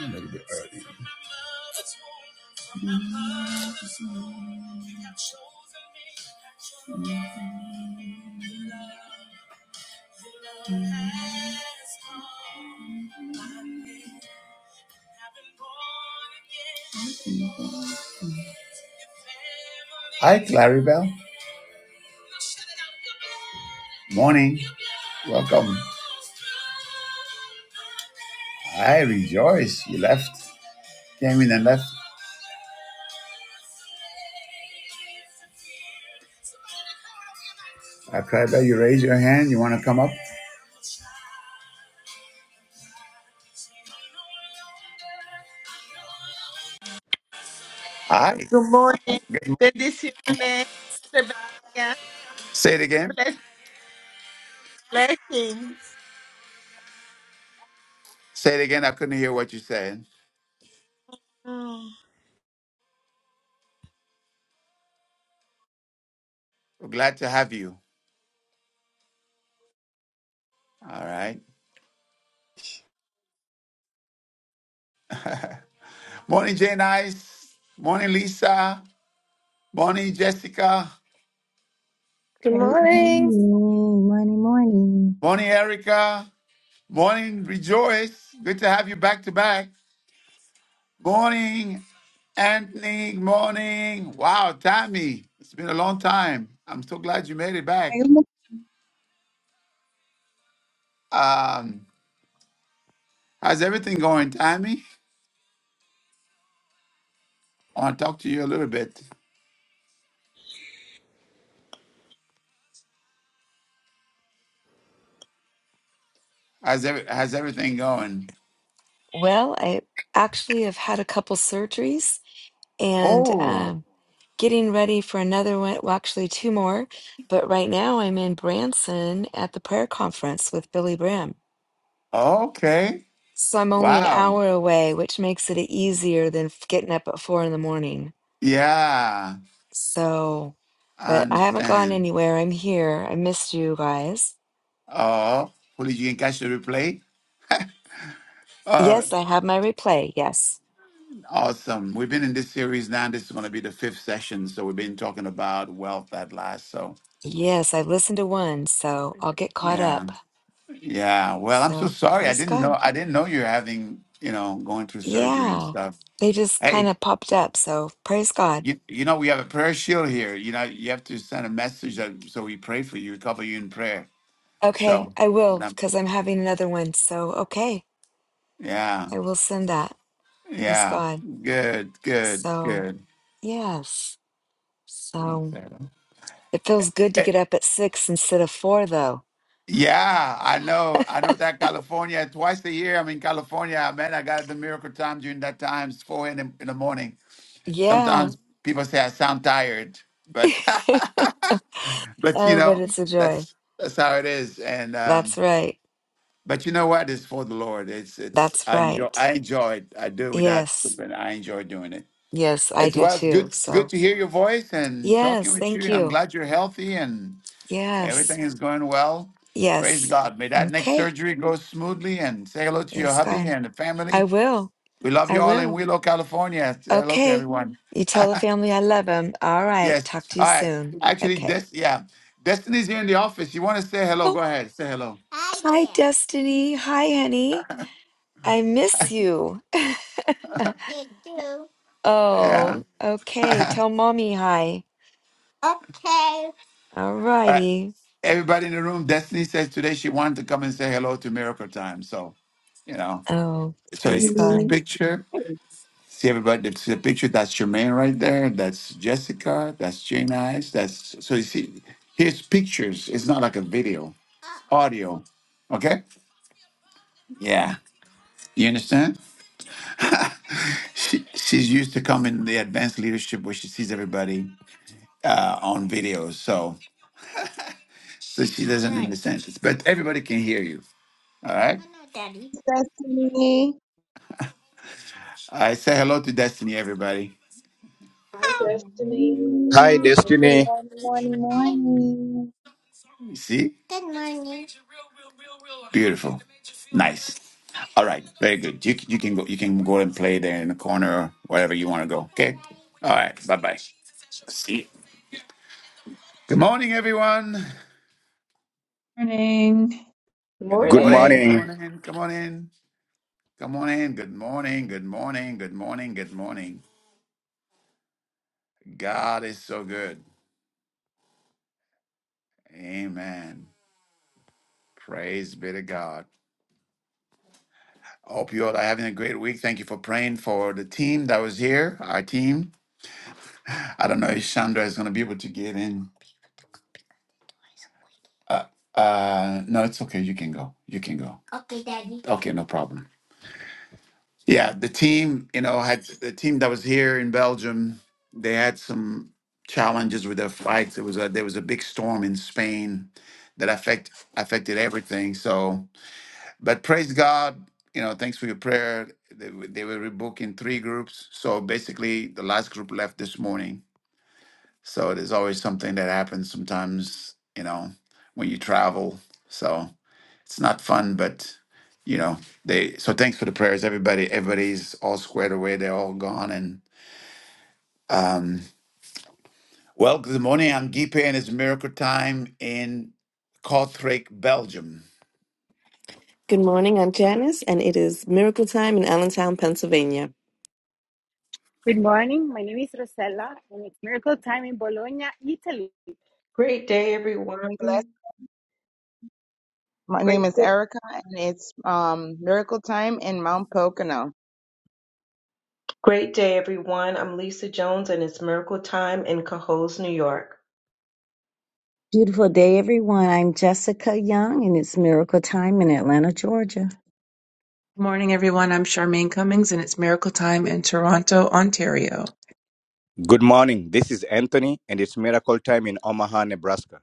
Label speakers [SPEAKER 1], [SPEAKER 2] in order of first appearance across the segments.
[SPEAKER 1] A little bit early. Hi, Claribel. Morning. Welcome. I Rejoice. You left. Came in and left. Uh, Claribel, you raise your hand. You want to come up? Hi.
[SPEAKER 2] Good morning.
[SPEAKER 1] Good.
[SPEAKER 2] Bendiciones. bendiga.
[SPEAKER 1] Say it again.
[SPEAKER 2] Bless- Blessings.
[SPEAKER 1] Say it again. I couldn't hear what you said.
[SPEAKER 2] Mm.
[SPEAKER 1] We're glad to have you. All right. Morning, Jay Nice. Morning, Lisa. Morning, Jessica.
[SPEAKER 3] Good
[SPEAKER 4] Great
[SPEAKER 3] morning.
[SPEAKER 4] morning, morning, morning.
[SPEAKER 1] Morning, Erica. Morning, Rejoice. Good to have you back to back. Morning, Anthony. Morning. Wow, Tammy. It's been a long time. I'm so glad you made it
[SPEAKER 5] Hi,
[SPEAKER 1] back.
[SPEAKER 5] Good
[SPEAKER 1] Um, how's everything going, Tammy? I want to talk to you a little bit. How's, every, how's everything going?
[SPEAKER 6] Well, I actually have had a couple surgeries and
[SPEAKER 1] Oh,
[SPEAKER 6] um, getting ready for another one. Well, actually, two more. But right now, I'm in Branson at the prayer conference with Billy Graham.
[SPEAKER 1] okay.
[SPEAKER 6] So I'm only an
[SPEAKER 1] Wow.
[SPEAKER 6] hour away, which makes it easier than f- getting up at four in the morning.
[SPEAKER 1] Yeah,
[SPEAKER 6] So,
[SPEAKER 1] I
[SPEAKER 6] but I haven't gone
[SPEAKER 1] understand.
[SPEAKER 6] anywhere. I'm here. I missed you guys.
[SPEAKER 1] Oh, hopefully you can catch the replay. Uh,
[SPEAKER 6] Yes, I have my replay. Yes.
[SPEAKER 1] awesome. We've been in this series now. This is going to be the fifth session. So we've been talking about wealth at last. So
[SPEAKER 6] Yes, I've listened to one, so I'll get caught
[SPEAKER 1] yeah,
[SPEAKER 6] up.
[SPEAKER 1] yeah. Well, I'm so
[SPEAKER 6] So
[SPEAKER 1] sorry. I
[SPEAKER 6] praise
[SPEAKER 1] didn't
[SPEAKER 6] God.
[SPEAKER 1] know. I didn't know you're having, you know, going through surgery and
[SPEAKER 6] Yeah,
[SPEAKER 1] stuff.
[SPEAKER 6] they just kind
[SPEAKER 1] Hey,
[SPEAKER 6] of popped up, so praise God.
[SPEAKER 1] you, you know, we have a prayer shield here. You know, you have to send a message that so we pray for you, cover you in prayer.
[SPEAKER 6] Okay,
[SPEAKER 1] So,
[SPEAKER 6] I will
[SPEAKER 1] no,
[SPEAKER 6] because I'm having another one. So, okay,
[SPEAKER 1] yeah.
[SPEAKER 6] I will send that. Praise
[SPEAKER 1] Yeah.
[SPEAKER 6] God.
[SPEAKER 1] Good, good,
[SPEAKER 6] So,
[SPEAKER 1] good.
[SPEAKER 6] yes. So, it feels good to
[SPEAKER 1] Eh,
[SPEAKER 6] get up at six instead of four, though.
[SPEAKER 1] Yeah, I know. I know that California twice a year. I'm in California, man. I got the miracle time during that time. It's four in the, in the morning.
[SPEAKER 6] Yeah.
[SPEAKER 1] Sometimes people say I sound tired, but but you
[SPEAKER 6] Oh, but
[SPEAKER 1] know
[SPEAKER 6] it's a joy.
[SPEAKER 1] that's that's how it is. And um,
[SPEAKER 6] That's right.
[SPEAKER 1] but you know what? It's for the Lord. It's it's
[SPEAKER 6] That's
[SPEAKER 1] I enjoy
[SPEAKER 6] right.
[SPEAKER 1] I enjoy it. I do with that,
[SPEAKER 6] Yes.
[SPEAKER 1] and I enjoy doing it.
[SPEAKER 6] Yes, I
[SPEAKER 1] It
[SPEAKER 6] do
[SPEAKER 1] was
[SPEAKER 6] too.
[SPEAKER 1] good good
[SPEAKER 6] So,
[SPEAKER 1] to hear your voice and talking
[SPEAKER 6] yes,
[SPEAKER 1] with you.
[SPEAKER 6] thank
[SPEAKER 1] And I'm
[SPEAKER 6] you.
[SPEAKER 1] glad you're healthy and.
[SPEAKER 6] Yes.
[SPEAKER 1] Everything is going well. Praise
[SPEAKER 6] Yes.
[SPEAKER 1] God. May that next
[SPEAKER 6] Okay,
[SPEAKER 1] surgery go smoothly and say hello to your
[SPEAKER 6] praise
[SPEAKER 1] hubby
[SPEAKER 6] God.
[SPEAKER 1] and the
[SPEAKER 6] I
[SPEAKER 1] family.
[SPEAKER 6] will.
[SPEAKER 1] We love
[SPEAKER 6] I
[SPEAKER 1] you all in
[SPEAKER 6] will.
[SPEAKER 1] Willow, California. Say hello to
[SPEAKER 6] Okay.
[SPEAKER 1] everyone.
[SPEAKER 6] You tell the family I love them. All right.
[SPEAKER 1] Yes.
[SPEAKER 6] Talk to you
[SPEAKER 1] All right.
[SPEAKER 6] soon.
[SPEAKER 1] Actually,
[SPEAKER 6] Okay.
[SPEAKER 1] Des- yeah. Destiny's here in the office. You want to say hello?
[SPEAKER 6] Oh,
[SPEAKER 1] Go ahead. Say hello.
[SPEAKER 6] hi,
[SPEAKER 1] Hi there.
[SPEAKER 6] Destiny. Hi, honey. I miss you.
[SPEAKER 1] You too. Yeah.
[SPEAKER 6] oh, okay. Tell mommy hi.
[SPEAKER 1] okay. All
[SPEAKER 6] All
[SPEAKER 1] right.
[SPEAKER 6] righty.
[SPEAKER 1] Everybody in the room, Destiny says today she wanted to come and say hello to Miracle Time. So, you know,
[SPEAKER 6] Oh,
[SPEAKER 1] so this
[SPEAKER 6] praise
[SPEAKER 1] is a
[SPEAKER 6] God.
[SPEAKER 5] morning.
[SPEAKER 1] picture.
[SPEAKER 5] Good
[SPEAKER 1] See everybody, that's the picture. That's Jermaine right there. That's Jessica. That's Jane Eyes. That's so you see, here's pictures. It's not like a video, audio. Okay? Yeah. You understand? She, she's used to come in the advanced leadership where she sees everybody uh, on videos. So, so she doesn't Right. understand this, but everybody can hear you. All right?
[SPEAKER 7] Destiny.
[SPEAKER 1] I say hello to Destiny, everybody.
[SPEAKER 8] Hi,
[SPEAKER 4] Good
[SPEAKER 8] Destiny.
[SPEAKER 9] Hi,
[SPEAKER 8] Good
[SPEAKER 4] morning, good
[SPEAKER 8] morning.
[SPEAKER 9] Destiny.
[SPEAKER 4] morning, morning, morning.
[SPEAKER 1] See? Beautiful. Nice. All right. Very good. You you can go you can go and play there in the corner wherever you want to go. Okay. All right. Bye bye. See. You. Good morning, everyone.
[SPEAKER 5] Morning.
[SPEAKER 1] Good
[SPEAKER 9] Good
[SPEAKER 1] morning.
[SPEAKER 8] Morning.
[SPEAKER 1] Come
[SPEAKER 9] morning.
[SPEAKER 1] on in. Come on in. Come on in. Good morning. Good morning. Good morning. Good morning. God is so good. Amen. Praise be to God. Hope you all are having a great week. Thank you for praying for the team that was here, our team. I don't know if Chandra is going to be able to get in Uh, uh, no, it's okay. You can go. You can go. Okay, daddy okay no problem. Yeah, the team, you know, had the team that was here in Belgium. They had some challenges with their flights. It was a there was a big storm in Spain that affect affected everything. So, but praise God, you know, thanks for your prayer. They, were- they were rebooking three groups. So basically, the last group left this morning. So there's always something that happens sometimes, you know, when you travel. So it's not fun, but you know, they so thanks for the prayers, everybody. Everybody's all squared away, they're all gone. And um well, good morning. I'm Gipe and it's miracle time in Kortrijk, Belgium.
[SPEAKER 3] Good morning. I'm Janice, and it is miracle time in Allentown, Pennsylvania.
[SPEAKER 10] Good morning. My name is Rosella, and it's miracle time in Bologna, Italy.
[SPEAKER 8] Great day, everyone.
[SPEAKER 7] Bless. My
[SPEAKER 8] Great
[SPEAKER 7] name is
[SPEAKER 8] day.
[SPEAKER 7] Erica, and it's um Miracle Time in Mount Pocono.
[SPEAKER 8] Great day, everyone. I'm Lisa Jones, and it's Miracle Time in Cohoes, New York.
[SPEAKER 4] Beautiful day, everyone. I'm Jessica Young, and it's Miracle Time in Atlanta, Georgia.
[SPEAKER 5] Good morning, everyone. I'm Charmaine Cummings, and it's Miracle Time in Toronto, Ontario.
[SPEAKER 9] Good morning. This is Anthony, and it's miracle time in Omaha, Nebraska.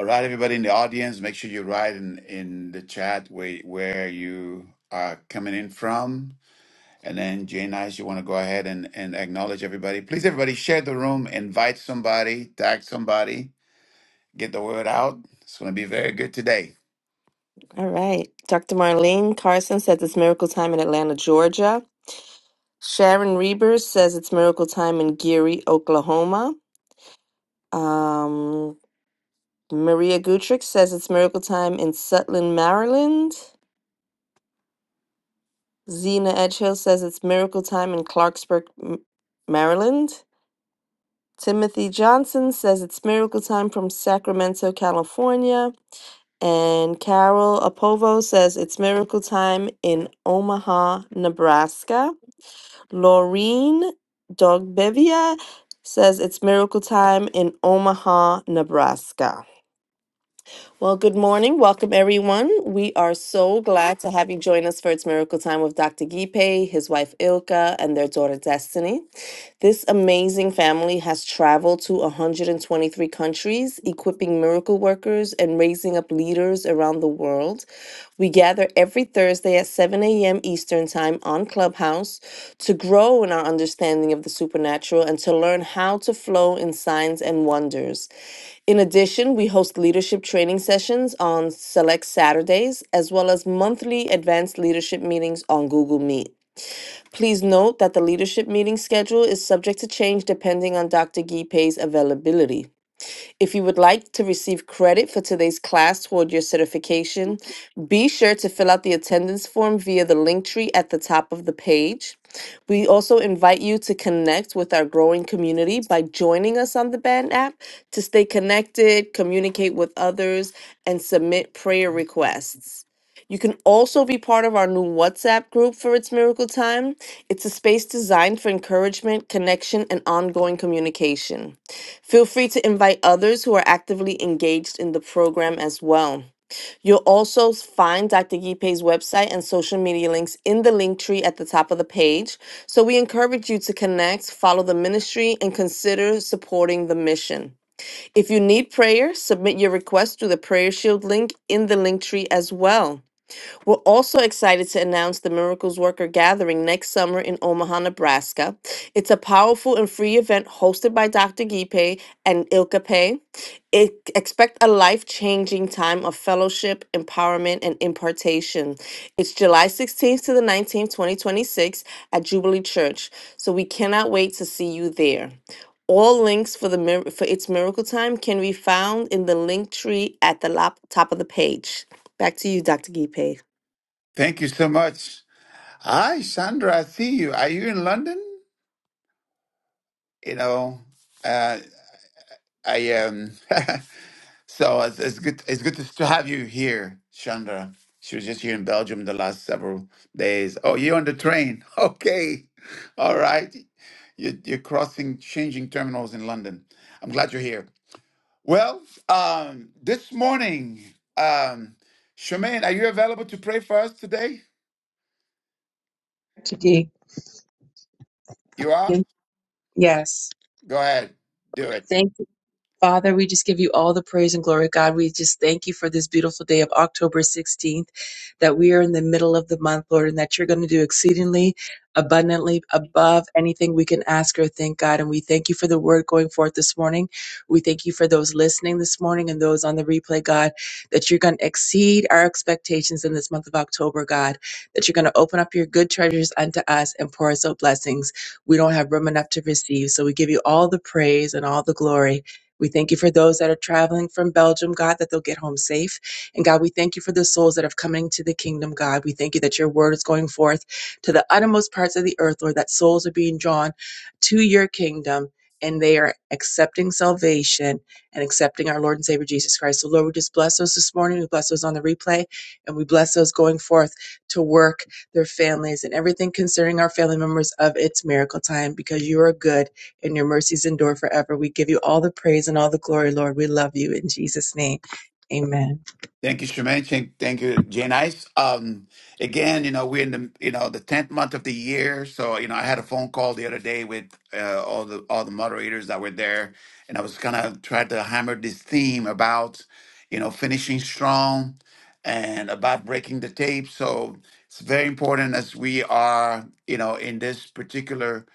[SPEAKER 1] All right, everybody in the audience, make sure you write in, in the chat where where you are coming in from. And then Jane Nice, you want to go ahead and, and acknowledge everybody. Please, everybody, share the room, invite somebody, tag somebody, get the word out. It's going to be very good today.
[SPEAKER 3] All right. Dr. Marlene Carson says it's miracle time in Atlanta, Georgia. Sharon Rebers says it's miracle time in Geary, Oklahoma. Um, Maria Gutrich says it's miracle time in Sutton, Maryland. Zena Edgehill says it's miracle time in Clarksburg, M- Maryland. Timothy Johnson says it's miracle time from Sacramento, California. And Carol Apovo says it's miracle time in Omaha, Nebraska. Laureen Dogbevia says it's miracle time in Omaha, Nebraska. Well, good morning. Welcome, everyone. We are so glad to have you join us for It's Miracle Time with Dr. Gipe, his wife Ilka, and their daughter Destiny. This amazing family has traveled to 123 countries, equipping miracle workers and raising up leaders around the world. We gather every Thursday at 7 a.m. Eastern Time on Clubhouse to grow in our understanding of the supernatural and to learn how to flow in signs and wonders. In addition, we host leadership training sessions on select Saturdays, as well as monthly advanced leadership meetings on Google Meet. Please note that the leadership meeting schedule is subject to change depending on Dr. Gipe's availability. If you would like to receive credit for today's class toward your certification, be sure to fill out the attendance form via the link tree at the top of the page. We also invite you to connect with our growing community by joining us on the Band app to stay connected, communicate with others, and submit prayer requests. You can also be part of our new WhatsApp group for It's Miracle Time. It's a space designed for encouragement, connection, and ongoing communication. Feel free to invite others who are actively engaged in the program as well. You'll also find Dr. Gipe's website and social media links in the link tree at the top of the page. So we encourage you to connect, follow the ministry, and consider supporting the mission. If you need prayer, submit your request through the Prayer Shield link in the link tree as well. We're also excited to announce the Miracles Worker Gathering next summer in Omaha, Nebraska. It's a powerful and free event hosted by Dr. Gipe and Ilka Pei. It expect a life changing time of fellowship, empowerment, and impartation. It's July 16th to the 19th, 2026, at Jubilee Church. So we cannot wait to see you there. All links for the mir- for its miracle time can be found in the link tree at the lop- top of the page. Back to you, Dr. Gipe.
[SPEAKER 1] Thank you so much. Hi, Sandra. I see you. Are you in London? You know, uh, I um. so it's, it's good. It's good to, to have you here, Sandra. She was just here in Belgium the last several days. Oh, you're on the train. Okay, all right. You're, you're crossing, changing terminals in London. I'm glad you're here. Well, um, this morning, um, Shemaine, are you available to pray for us today?
[SPEAKER 5] Today,
[SPEAKER 1] You are.
[SPEAKER 5] thank- Yes.
[SPEAKER 1] Go ahead, do it.
[SPEAKER 5] Thank Father, we just give you all the praise and glory. God, we just thank you for this beautiful day of October 16th, that we are in the middle of the month, Lord, and that you're going to do exceedingly abundantly above anything we can ask or think, God. And we thank you for the word going forth this morning. We thank you for those listening this morning and those on the replay, God, that you're going to exceed our expectations in this month of October, God, that you're going to open up your good treasures unto us and pour us out blessings. We don't have room enough to receive. So we give you all the praise and all the glory. We thank you for those that are traveling from Belgium, God, that they'll get home safe. And God, we thank you for the souls that have come into the kingdom, God. We thank you that your word is going forth to the uttermost parts of the earth, Lord, that souls are being drawn to your kingdom and they are accepting salvation and accepting our Lord and Savior Jesus Christ. So, Lord, we just bless those this morning. We bless those on the replay and we bless those going forth to work, their families, and everything concerning our family members of its miracle time because you are good and your mercies endure forever. We give you all the praise and all the glory, Lord. We love you in Jesus' name. Amen.
[SPEAKER 1] Thank you, Shemaine. Thank thank you, Jane Ice. Um, again, you know, we're in the you know the tenth month of the year, so you know, I had a phone call the other day with uh, all the all the moderators that were there, and I was kind of trying to hammer this theme about, you know, finishing strong, and about breaking the tape. So it's very important as we are, you know, in this particular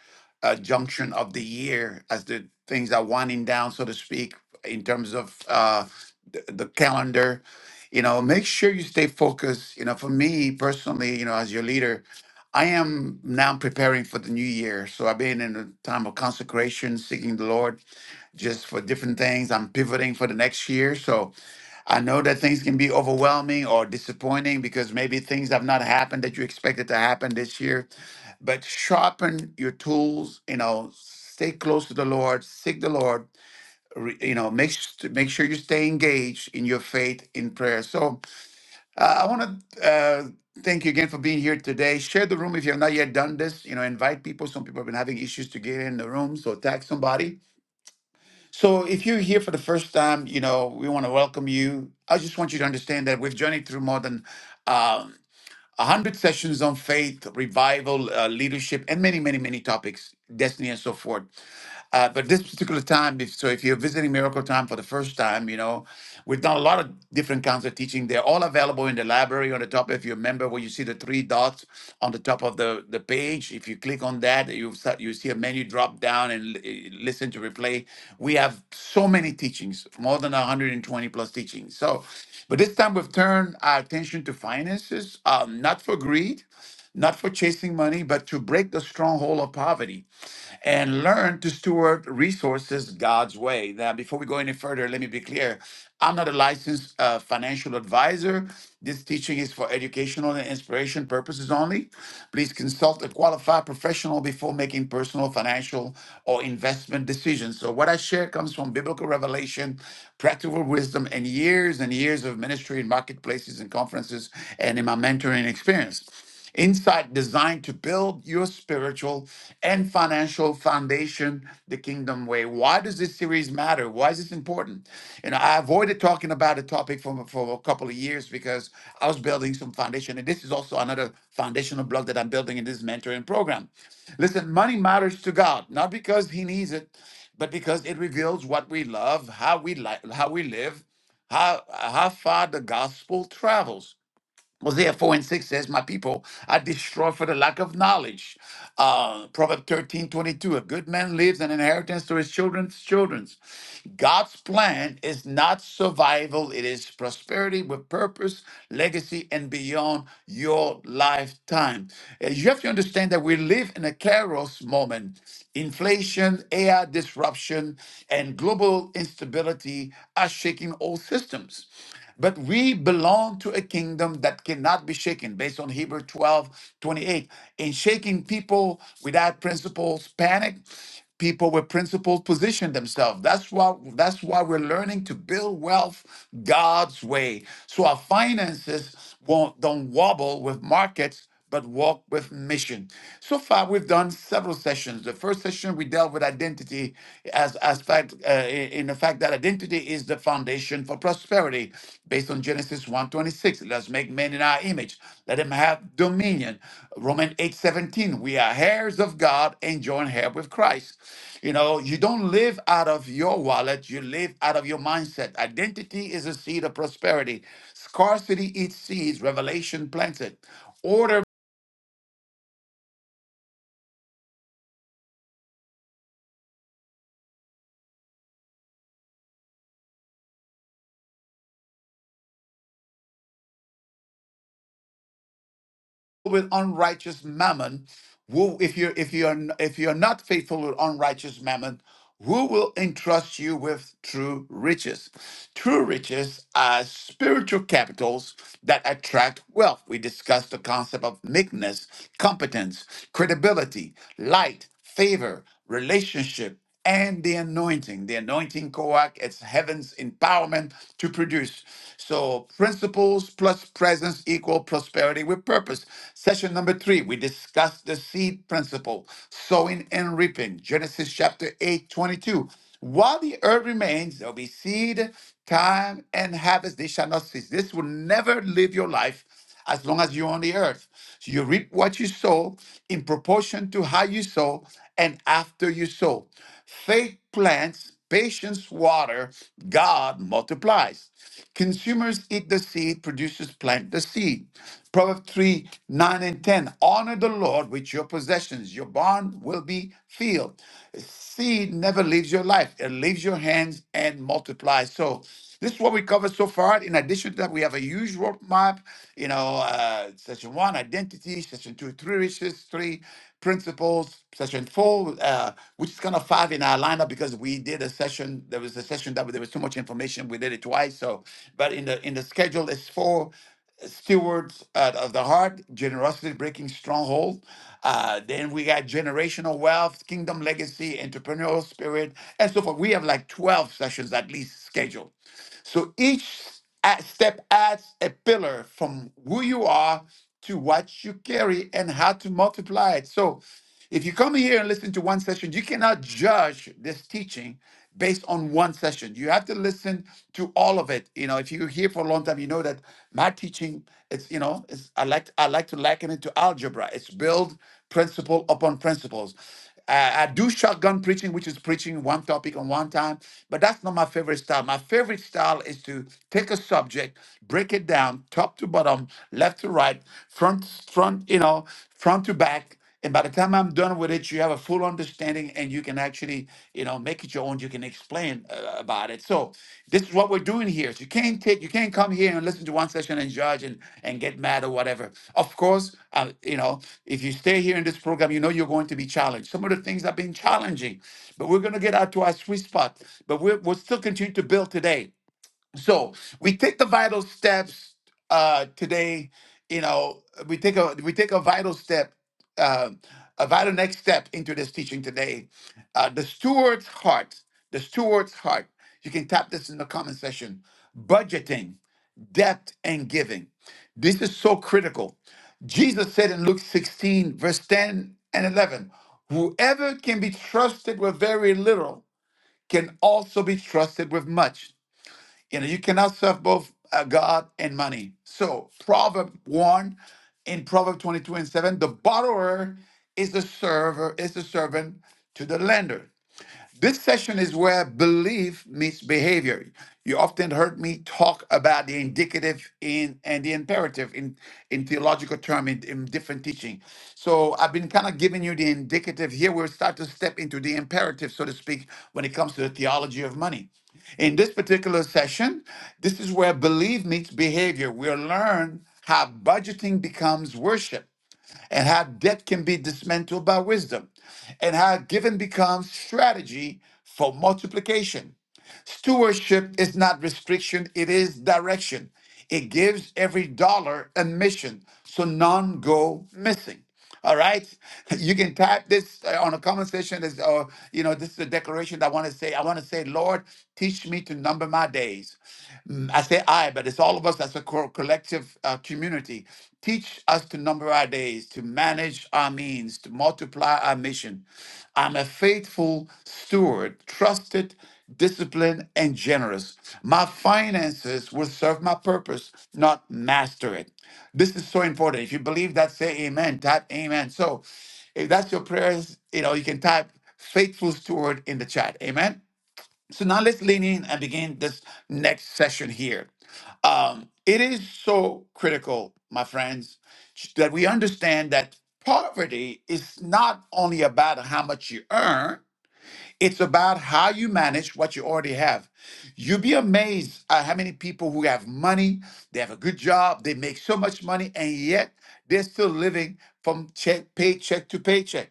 [SPEAKER 1] uh, junction of the year, as the things are winding down, so to speak, in terms of uh, the, the calendar you know make sure you stay focused you know for me personally you know as your leader i am now preparing for the new year so i've been in a time of consecration seeking the lord just for different things i'm pivoting for the next year so i know that things can be overwhelming or disappointing because maybe things have not happened that you expected to happen this year but sharpen your tools you know stay close to the lord seek the lord re- you know make, s- make sure you stay engaged in your faith in prayer so uh, I want to uh, thank you again for being here today. Share the room if you have not yet done this. You know, invite people. Some people have been having issues to get in the room, so tag somebody. So if you're here for the first time, you know, we want to welcome you. I just want you to understand that we've journeyed through more than um, 100 sessions on faith, revival, uh, leadership, and many, many, many topics, destiny, and so forth. Uh, but this particular time, if, so if you're visiting Miracle Time for the first time, you know, we've done a lot of different kinds of teaching. They're all available in the library on the top. If you remember where you see the three dots on the top of the, the page, if you click on that, you start, you see a menu drop down and li- listen to replay. We have so many teachings, more than 120 plus teachings. So but this time we've turned our attention to finances, um, not for greed, not for chasing money, but to break the stronghold of poverty and learn to steward resources God's way. Now, before we go any further, let me be clear. I'm not a licensed uh, financial advisor. This teaching is for educational and inspiration purposes only. Please consult a qualified professional before making personal, financial, or investment decisions. So, what I share comes from biblical revelation, practical wisdom, and years and years of ministry in marketplaces and conferences and in my mentoring experience. Insight designed to build your spiritual and financial foundation the kingdom way. Why does this series matter? Why is this important? You know, I avoided talking about the topic for, for a couple of years because I was building some foundation. And this is also another foundational block that I'm building in this mentoring program. Listen, money matters to God, not because He needs it, but because it reveals what we love, how we like, how we live, how how far the gospel travels. Hosea 4 and 6 says, My people are destroyed for the lack of knowledge. Uh, Proverb 13 22: a good man leaves an inheritance to his children's children's. God's plan is not survival, it is prosperity with purpose, legacy, and beyond your lifetime. Uh, You have to understand that we live in a chaos moment. Inflation, AI disruption, and global instability are shaking all systems. But we belong to a kingdom that cannot be shaken, based on Hebrew 12:28. In shaking people without principles, panic, people with principles position themselves. That's why that's why we're learning to build wealth God's way. So our finances won't don't wobble with markets but walk with mission. So far, we've done several sessions. The first session we dealt with identity as as fact uh, in the fact that identity is the foundation for prosperity, based on Genesis one twenty-six. let Let's make men in our image. Let them have dominion. Romans 8:17. We are heirs of God and joint heir with Christ. You know, you don't live out of your wallet, you live out of your mindset. Identity is a seed of prosperity. Scarcity eats seeds, revelation plants it. Order with unrighteous mammon who if you if you are if you are not faithful with unrighteous mammon who will entrust you with true riches true riches are spiritual capitals that attract wealth we discussed the concept of meekness competence credibility light favor relationship and the anointing. The anointing coac, it's heaven's empowerment to produce. So principles plus presence equal prosperity with purpose. Session number three, we discussed the seed principle, sowing and reaping. Genesis chapter 8 22. While the earth remains, there'll be seed, time, and harvest. They shall not cease. This will never live your life as long as you're on the earth. So you reap what you sow in proportion to how you sow and after you sow. Faith plants, patience water, God multiplies. Consumers eat the seed, producers plant the seed. Proverbs 3 9 and 10. Honor the Lord with your possessions, your barn will be filled. Seed never leaves your life, it leaves your hands and multiplies. So, this is what we covered so far. In addition to that, we have a huge roadmap. You know, uh, session one, identity. Session two, three riches. Three principles. Session four, uh, which is kind of five in our lineup because we did a session. There was a session that there was so much information. We did it twice. So, but in the in the schedule, is four stewards uh, of the heart, generosity breaking stronghold. Uh, then we got generational wealth, kingdom legacy, entrepreneurial spirit, and so forth. We have like 12 sessions at least scheduled. So each a- step adds a pillar from who you are to what you carry and how to multiply it. So if you come here and listen to one session, you cannot judge this teaching based on one session. You have to listen to all of it. You know, if you're here for a long time, you know that my teaching, it's you know, it's I like I like to liken it to algebra. It's build principle upon principles. I, I do shotgun preaching, which is preaching one topic on one time, but that's not my favorite style. My favorite style is to take a subject, break it down, top to bottom, left to right, front front, you know, front to back and by the time I'm done with it, you have a full understanding and you can actually, you know, make it your own. You can explain uh, about it. So this is what we're doing here. So you can't take, you can't come here and listen to one session and judge and, and get mad or whatever. Of course, uh, you know, if you stay here in this program, you know you're going to be challenged. Some of the things have been challenging, but we're going to get out to our sweet spot. But we're, we'll still continue to build today so we take the vital steps uh today you know we take a we take a vital step uh, a vital next step into this teaching today uh the steward's heart the steward's heart you can tap this in the comment section budgeting depth, and giving this is so critical jesus said in luke 16 verse 10 and 11 whoever can be trusted with very little can also be trusted with much you know, you cannot serve both uh, God and money. So, Proverb 1 in Proverb 22 and 7, the borrower is the server, is the servant to the lender. This session is where belief meets behavior. You often heard me talk about the indicative in and the imperative in, in theological terms in, in different teaching. So I've been kind of giving you the indicative. Here we'll start to step into the imperative, so to speak, when it comes to the theology of money. In this particular session, this is where belief meets behavior. We'll learn how budgeting becomes worship and how debt can be dismantled by wisdom, and how giving becomes strategy for multiplication. Stewardship is not restriction, it is direction. It gives every dollar a mission, so none go missing. All right, you can type this uh, on a comment section. As uh, you know, this is a declaration that I want to say. I want to say, Lord, teach me to number my days. Mm, I say I, but it's all of us as a co- collective uh, community. Teach us to number our days, to manage our means, to multiply our mission. I'm a faithful steward, trusted disciplined, and generous. My finances will serve my purpose, not master it. This is so important. If you believe that, say amen. Type amen. So if that's your prayers, you know, you can type faithful steward in the chat. Amen. So now let's lean in and begin this next session here. Um, it is so critical, my friends, that we understand that poverty is not only about how much you earn, it's about how you manage what you already have. You'd be amazed at how many people who have money, they have a good job, they make so much money, and yet they're still living from check, paycheck to paycheck.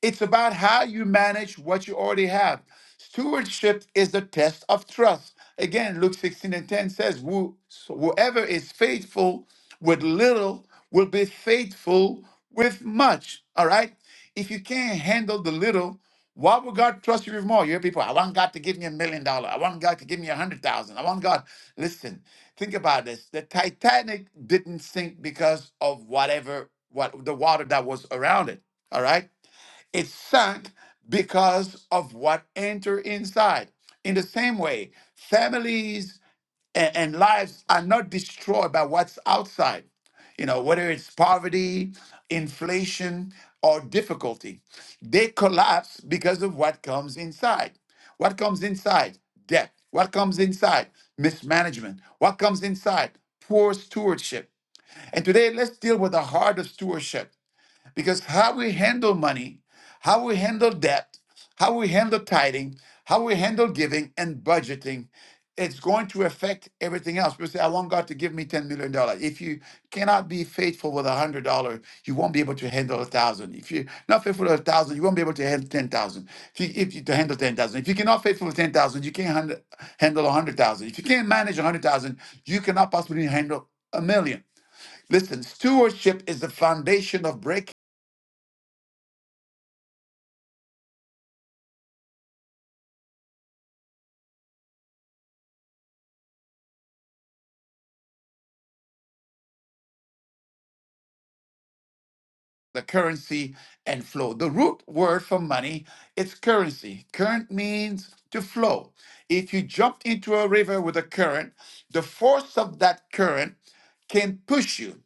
[SPEAKER 1] It's about how you manage what you already have. Stewardship is the test of trust. Again, Luke 16 and 10 says, "Who- so Whoever is faithful with little will be faithful with much. All right? If you can't handle the little, why would God trust you with more? You hear people, I want God to give me a million dollars. I want God to give me a hundred thousand. I want God. Listen, think about this. The Titanic didn't sink because of whatever what the water that was around it. All right. It sank because of what entered inside. In the same way, families and, and lives are not destroyed by what's outside, you know, whether it's poverty, inflation, or difficulty. They collapse because of what comes inside. What comes inside? Debt. What comes inside? Mismanagement. What comes inside? Poor stewardship. And today, let's deal with the heart of stewardship. Because how we handle money, how we handle debt, how we handle tithing, how we handle giving and budgeting, it's going to affect everything else. We say, I want God to give me $10 million. dollars. If you cannot be faithful with $100, you won't be able to handle a thousand. If you're not faithful with a thousand, you won't be able to handle 10,000. If you, if you to handle 10,000, if you cannot faithful with 10,000, you can't handle, handle 100,000. If you can't manage 100,000, you cannot possibly handle a million. Listen, stewardship is the foundation of breakthrough the currency and flow. The root word for money is currency. Current means to flow. If you jumped into a river with a current, the force of that current can push you.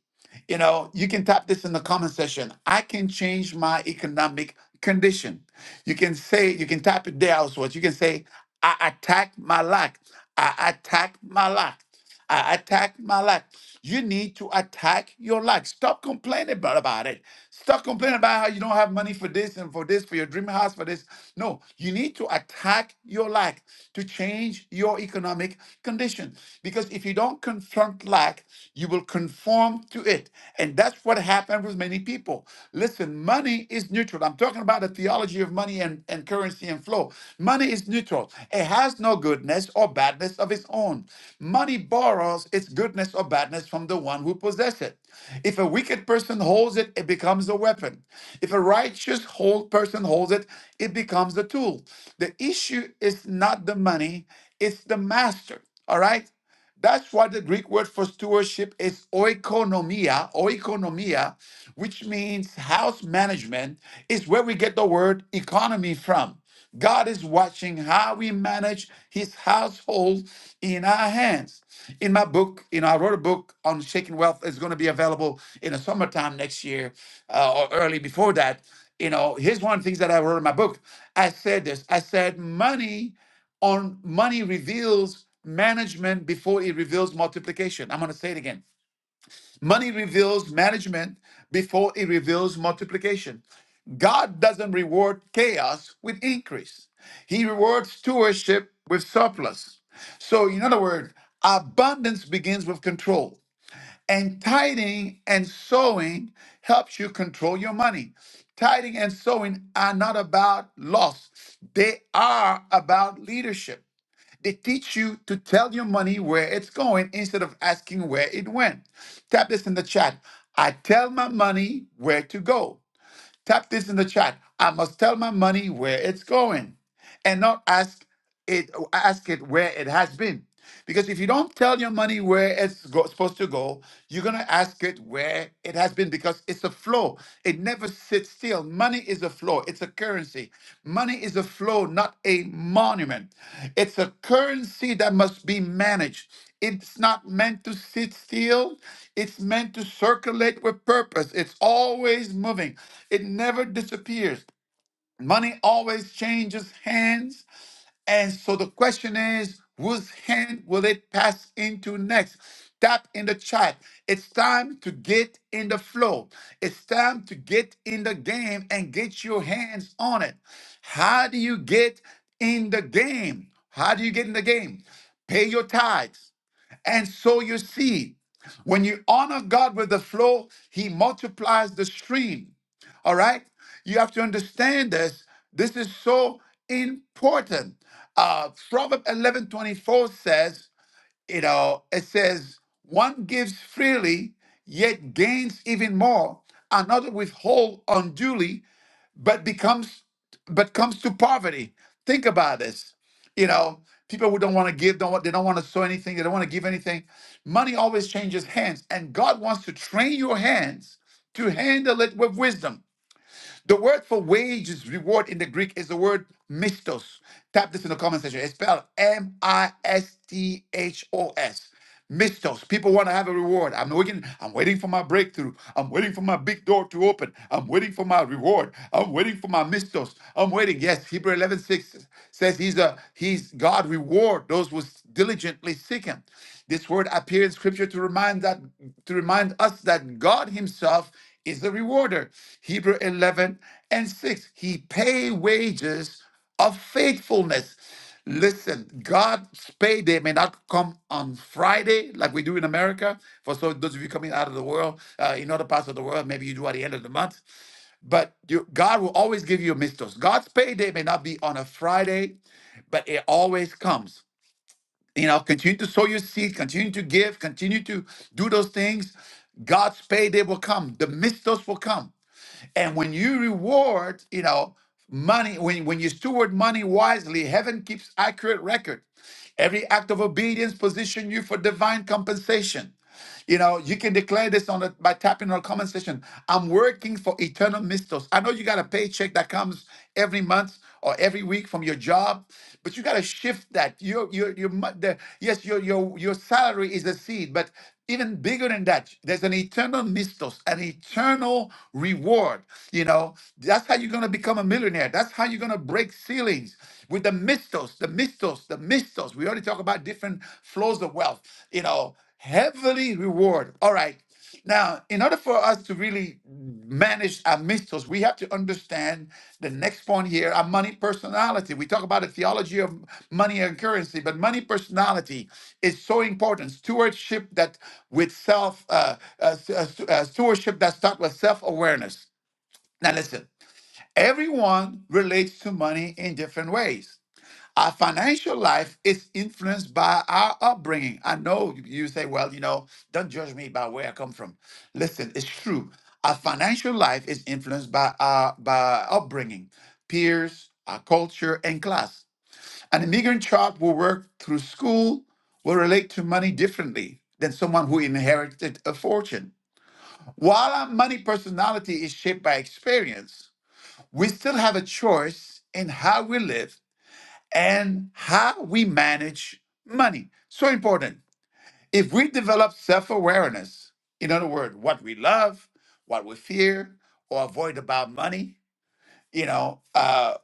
[SPEAKER 1] You know, you can tap this in the comment section. I can change my economic condition. You can say, you can tap it there also. You can say, I attack my lack. I attack my lack. I attacked my life. You need to attack your life. Stop complaining about, about it. Stop complaining about how you don't have money for this and for this, for your dream house, for this. No, you need to attack your lack to change your economic condition. Because if you don't confront lack, you will conform to it it. And that's what happened with many people. Listen, money is neutral. I'm talking about the theology of money and, and currency and flow. Money is neutral, it has no goodness or badness of its own. Money borrows its goodness or badness from the one who possesses it. If a wicked person holds it, it becomes a weapon. If a righteous hold person holds it, it becomes a tool. The issue is not the money, it's the master. All right. That's why the Greek word for stewardship is oikonomia, oikonomia, which means house management, is where we get the word economy from. God is watching how we manage his household in our hands. In my book, you know, I wrote a book on shaking wealth. It's going to be available in the summertime next year uh, or early before that. You know, here's one of the things that I wrote in my book. I said this I said, money on money reveals management before it reveals multiplication. I'm going to say it again. Money reveals management before it reveals multiplication. God doesn't reward chaos with increase. He rewards stewardship with surplus. So, in other words, abundance begins with control. And tithing and sowing helps you control your money. Tithing and sowing are not about loss, they are about leadership. They teach you to tell your money where it's going instead of asking where it went. Tap this in the chat. I tell my money where to go. Tap this in the chat. I must tell my money where it's going and not ask it ask it where it has been. Because if you don't tell your money where it's go- supposed to go, you're going to ask it where it has been because it's a flow. It never sits still. Money is a flow, it's a currency. Money is a flow, not a monument. It's a currency that must be managed. It's not meant to sit still. It's meant to circulate with purpose. It's always moving. It never disappears. Money always changes hands. And so the question is, whose hand will it pass into next? Tap in the chat. It's time to get in the flow. It's time to get in the game and get your hands on it. How do you get in the game? How do you get in the game? Pay your tithes and sow your seed. When you honor God with the flow, He multiplies the stream. All right? You have to understand this. This is so important. Uh, Proverbs eleven twenty four says, you know, it says, one gives freely, yet gains even more. Another withhold unduly but becomes but comes to poverty. Think about this. You know, people who don't want to give, don't want, they don't want to sow anything, they don't want to give anything. Money always changes hands, and God wants to train your hands to handle it with wisdom. The word for wages, reward in the Greek is the word mistos. Tap this in the comment section. It's spelled M I S T H O S. Mistos. People want to have a reward. I'm waiting. I'm waiting for my breakthrough. I'm waiting for my big door to open. I'm waiting for my reward. I'm waiting for my mistos. I'm waiting. Yes, Hebrew 11 6 says he's a he's God reward those who diligently seek him. This word appears in scripture to remind that to remind us that God Himself is the rewarder. Hebrew 11 and 6. He pay wages of faithfulness. Listen, God's payday may not come on Friday like we do in America. For so those of you coming out of the world, uh, in other parts of the world, maybe you do at the end of the month. But you, God will always give you a mistos. God's payday may not be on a Friday, but it always comes. You know, continue to sow your seed, continue to give, continue to do those things. God's payday will come. The mistos will come. And when you reward, you know, money, when, when you steward money wisely, heaven keeps accurate record. Every act of obedience position you for divine compensation. You know, you can declare this on the, by tapping on the comment section. I'm working for eternal mistos. I know you got a paycheck that comes every month or every week from your job, but you got to shift that. Your your your mo- the, yes, your your your salary is a seed, but even bigger than that, there's an eternal mistos, an eternal reward. You know, that's how you're gonna become a millionaire. That's how you're gonna break ceilings with the mistos, the mistos, the mistos. We already talk about different flows of wealth. You know, heavenly reward. All right. Now, in order for us to really manage our mythos, we have to understand the next point here our money personality. We talk about the theology of money and currency, but money personality is so important. Stewardship that with self, uh, uh, s- uh, stu- uh, stewardship that starts with self awareness. Now, listen, everyone relates to money in different ways. Our financial life is influenced by our upbringing. I know you say, well, you know, don't judge me by where I come from. Listen, it's true. Our financial life is influenced by our by our upbringing, peers, our culture, and class. An immigrant child will work through school, will relate to money differently than someone who inherited a fortune. While our money personality is shaped by experience, we still have a choice in how we live and how we manage money. So important. If we develop self awareness, in other words, what we love, what we fear, or avoid about money, you know, uh,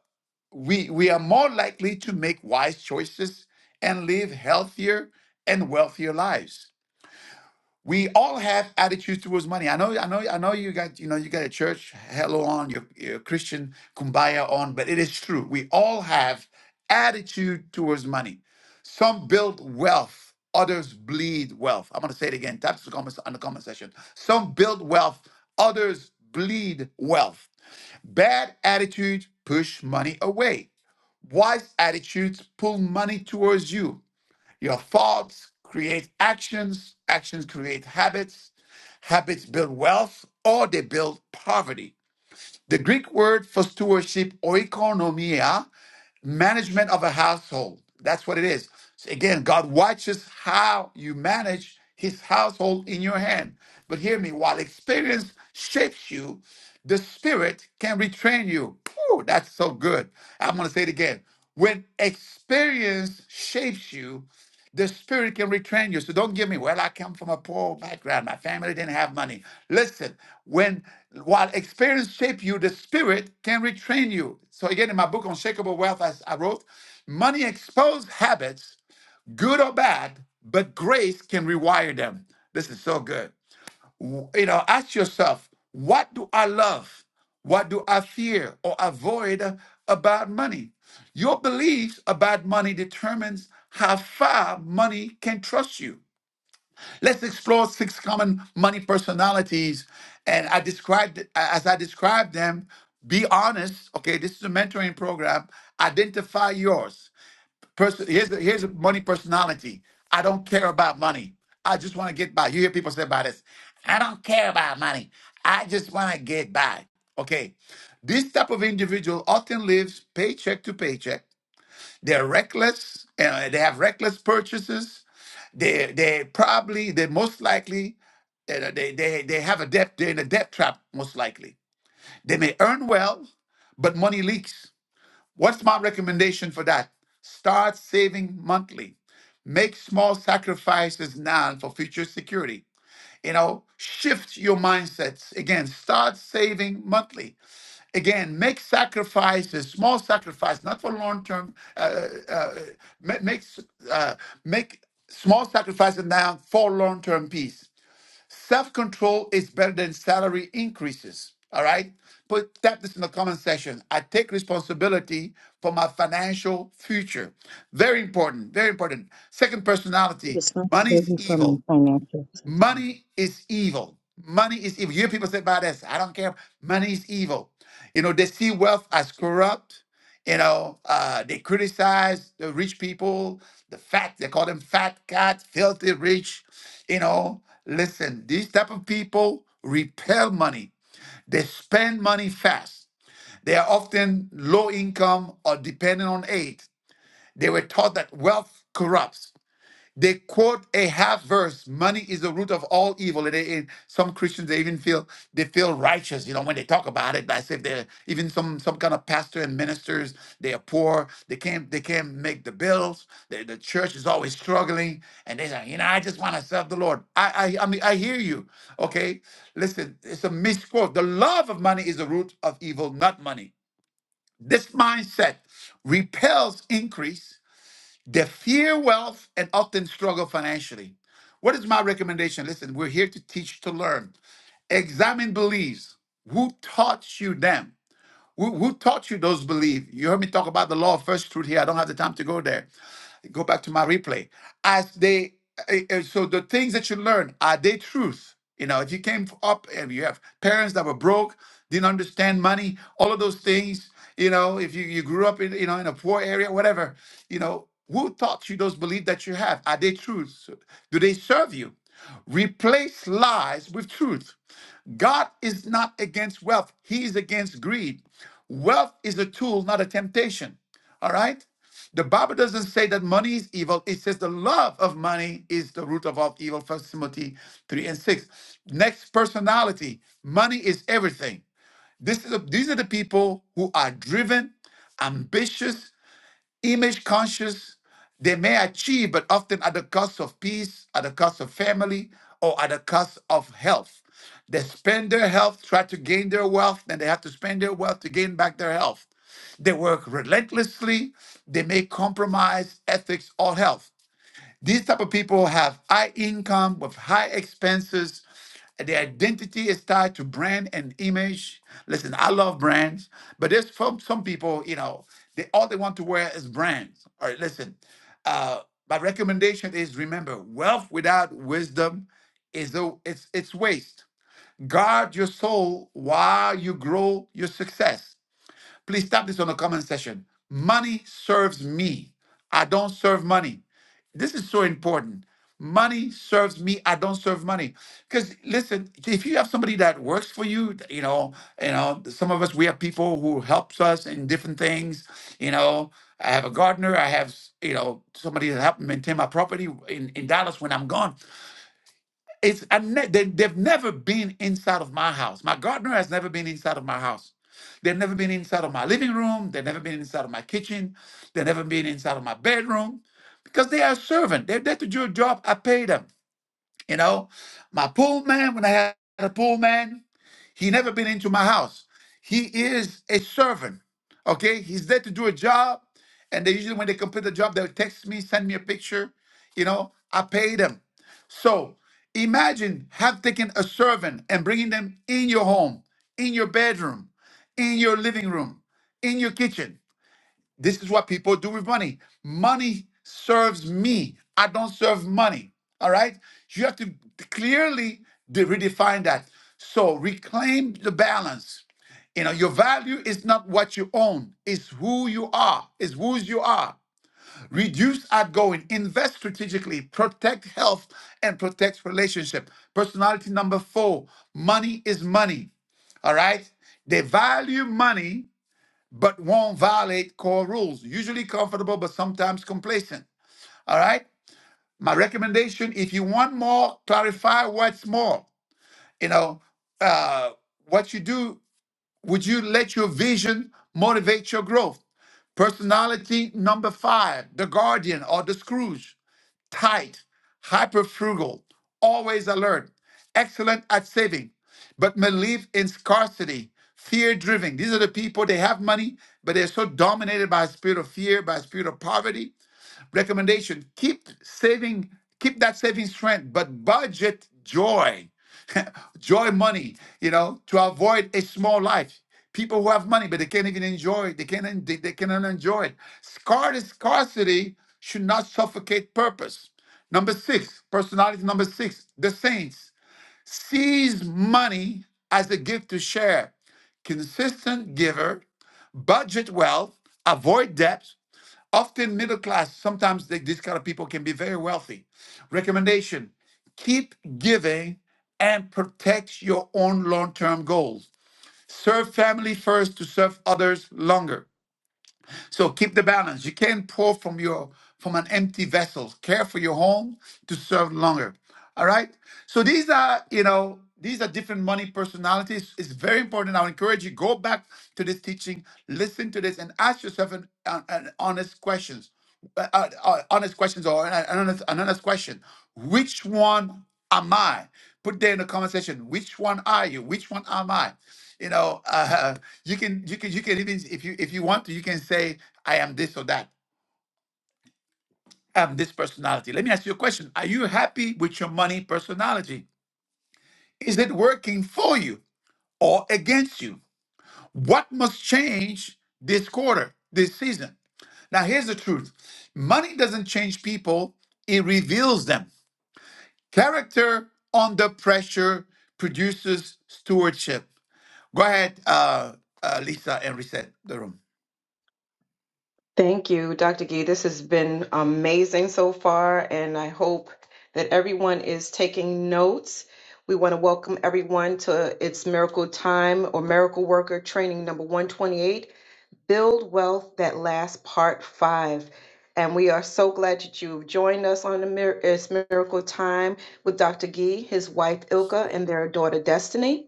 [SPEAKER 1] we, we are more likely to make wise choices and live healthier and wealthier lives we all have attitude towards money. I know, I know, I know. You got, you know, you got a church hello on your, your Christian kumbaya on, but it is true. We all have attitude towards money. Some build wealth, others bleed wealth. I'm gonna say it again. That's the comments on the comment section. Some build wealth, others bleed wealth. Bad attitudes push money away. Wise attitudes pull money towards you. Your thoughts create actions, actions create habits, habits build wealth, or they build poverty. The Greek word for stewardship, oikonomia, management of a household. That's what it is. So again, God watches how you manage his household in your hand. But hear me, while experience shapes you, the spirit can retrain you. Whew, that's so good. I'm going to say it again. When experience shapes you, the spirit can retrain you. So don't give me, well, I come from a poor background. My family didn't have money. Listen, when while experience shapes you, the spirit can retrain you. So again, in my book, Unshakable Wealth, as I wrote, money exposed habits, good or bad, but grace can rewire them. This is so good w- you know, ask yourself, what do I love? What do I fear or avoid about money? Your beliefs about money determines how far money can trust you. Let's explore six common money personalities, and I described as I described them. Be honest. Okay, this is a mentoring program. Identify yours. Person, here's the, here's a money personality. I don't care about money. I just want to get by. You hear people say about this. I don't care about money. I just want to get by. Okay, this type of individual often lives paycheck to paycheck. They're reckless. Uh, they have reckless purchases. They they probably they most likely uh, they they they have a debt. They're in a debt trap most likely. They may earn well, but money leaks. What's my recommendation for that? Start saving monthly. Make small sacrifices now for future security. You know, shift your mindsets. Again, start saving monthly. Again, make sacrifices, small sacrifices, not for long term. Uh, uh, make uh, make small sacrifices now for long term peace. Self control is better than salary increases. All right? Put tap this in the comment section. I take responsibility for my financial future. Very important. Very important. Second personality. Money is
[SPEAKER 4] responsibility for my
[SPEAKER 1] evil.
[SPEAKER 4] financial success.
[SPEAKER 1] Money is evil. Money is evil. You hear people say about this. I don't care. Money is evil. You know, they see wealth as corrupt. You know, uh, they criticize the rich people, the fat, they call them fat cat, filthy rich. You know, listen, these type of people repel money. They spend money fast. They are often low income or dependent on aid. They were taught that wealth corrupts. They quote a half verse. Money is the root of all evil. And they- and some Christians they even feel they feel righteous, you know, when they talk about it. As if they're even some some kind of pastor and ministers, they are poor. They can't they can't make the bills. The, the church is always struggling, and they say, you know, I just want to serve the Lord. I, I I mean I hear you. Okay, listen, it's a misquote. The love of money is the root of evil, not money. This mindset repels increase they fear wealth and often struggle financially. What is my recommendation? Listen, we're here to teach, to learn. Examine beliefs. Who taught you them? Who, who taught you those beliefs? You heard me talk about the law of first fruit here. I don't have the time to go there. Go back to my replay. As they, eh, eh, so the things that you learn, are they truth? You know, if you came up and you have parents that were broke, didn't understand money, all of those things, you know, if you, you grew up in, you know, in a poor area, whatever, you know, who taught you those beliefs that you have? Are they truths? Do they serve you? Replace lies with truth God is not against wealth, He is against greed. Wealth is a tool, not a temptation. All right? The Bible doesn't say that money is evil. It says the love of money is the root of all evil, First Timothy 3 and 6. Next, personality. Money is everything. This is a- these are the people who are driven, ambitious, image conscious they may achieve but often at the cost of peace at the cost of family or at the cost of health they spend their health try to gain their wealth and they have to spend their wealth to gain back their health they work relentlessly they may compromise ethics or health these type of people have high income with high expenses. Their identity is tied to brand and image. Listen, I love brands, but there's some, some people, you know, they all they want to wear is brands. All right, listen. Uh, my recommendation is remember, wealth without wisdom is a, it's it's waste. Guard your soul while you grow your success. Please tap this on the comment section. Money serves me. I don't serve money. This is so important. Money serves me. I don't serve money. Because listen, if you have somebody that works for you, you know, you know, some of us we have people who helps us in different things. You know, I have a gardener. I have you know somebody that helped me maintain my property in, in Dallas when I'm gone it's I ne- they, they've never been inside of my house. My gardener has never been inside of my house. They've never been inside of my living room. They've never been inside of my kitchen. They've never been inside of my bedroom because they are a servant. They're there to do a job. I pay them. You know, my pool man, when I had a pool man, he never been into my house. He is a servant. Okay, he's there to do a job. And they usually when they complete the job, they'll text me, send me a picture. You know, I pay them. So imagine have taken a servant and bringing them in your home, in your bedroom, in your living room, in your kitchen. This is what people do with money. Money serves me. I don't serve money. All right. You have to clearly de- redefine that. So reclaim the balance. You know, your value is not what you own, it's who you are, it's whose you are. Reduce outgoing, invest strategically, protect health, and protect relationship. Personality number four money is money. All right. They value money but won't violate core rules. Usually comfortable, but sometimes complacent. All right. My recommendation if you want more, clarify what's more. You know, uh, what you do, would you let your vision motivate your growth? Personality number five, the guardian or the Scrooge tight, hyper frugal, always alert, excellent at saving, but believe in scarcity, fear driven. These are the people, they have money, but they're so dominated by a spirit of fear, by a spirit of poverty. Recommendation keep saving, keep that saving strength, but budget joy joy money, you know, to avoid a small life. People who have money, but they can't even enjoy it. They can't, they, they cannot enjoy it. Scar- Scarcity should not suffocate purpose. Number six, personality number six, the saints sees money as a gift to share. Consistent giver, budget well, avoid debt, often middle class sometimes they, these kind of people can be very wealthy recommendation keep giving and protect your own long-term goals serve family first to serve others longer so keep the balance. You can't pour from your from an empty vessel. Care for your home to serve longer. All right. So these are, you know, these are different money personalities. It's very important. I would encourage you go back to this teaching, listen to this, and ask yourself an, an, an honest questions, uh, uh, uh, honest questions, or an, an honest, an honest question. Which one am I? Put there in the conversation. Which one are you? Which one am I? You know, uh, you can you can you can even if you if you want to you can say I am this or that. I am this personality. Let me ask you a question. Are you happy with your money personality? Is it working for you or against you? What must change this quarter, this season? Now here's the truth. Money doesn't change people, it reveals them. Character under pressure produces stewardship. Go ahead, uh, uh, Lisa, and reset the room.
[SPEAKER 8] Thank you, Dr. Gee. This has been amazing so far, and I hope that everyone is taking notes. We want to welcome everyone to It's Miracle Time or Miracle Worker Training number 128. Build Wealth That Lasts Part 5. And we are so glad that you've joined us on the Mir- It's Miracle Time with Dr. Gee, his wife Ilka, and their daughter Destiny.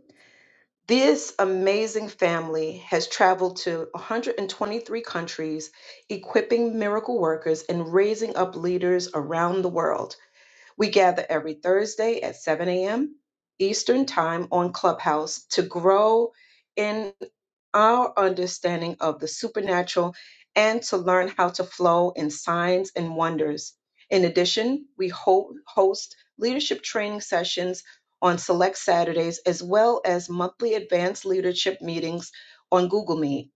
[SPEAKER 8] This amazing family has traveled to 123 countries, equipping miracle workers and raising up leaders around the world. We gather every Thursday at 7 a.m. Eastern Time on Clubhouse to grow in our understanding of the supernatural and to learn how to flow in signs and wonders. In addition, we ho- host leadership training sessions on select Saturdays as well as monthly advanced leadership meetings on Google Meet.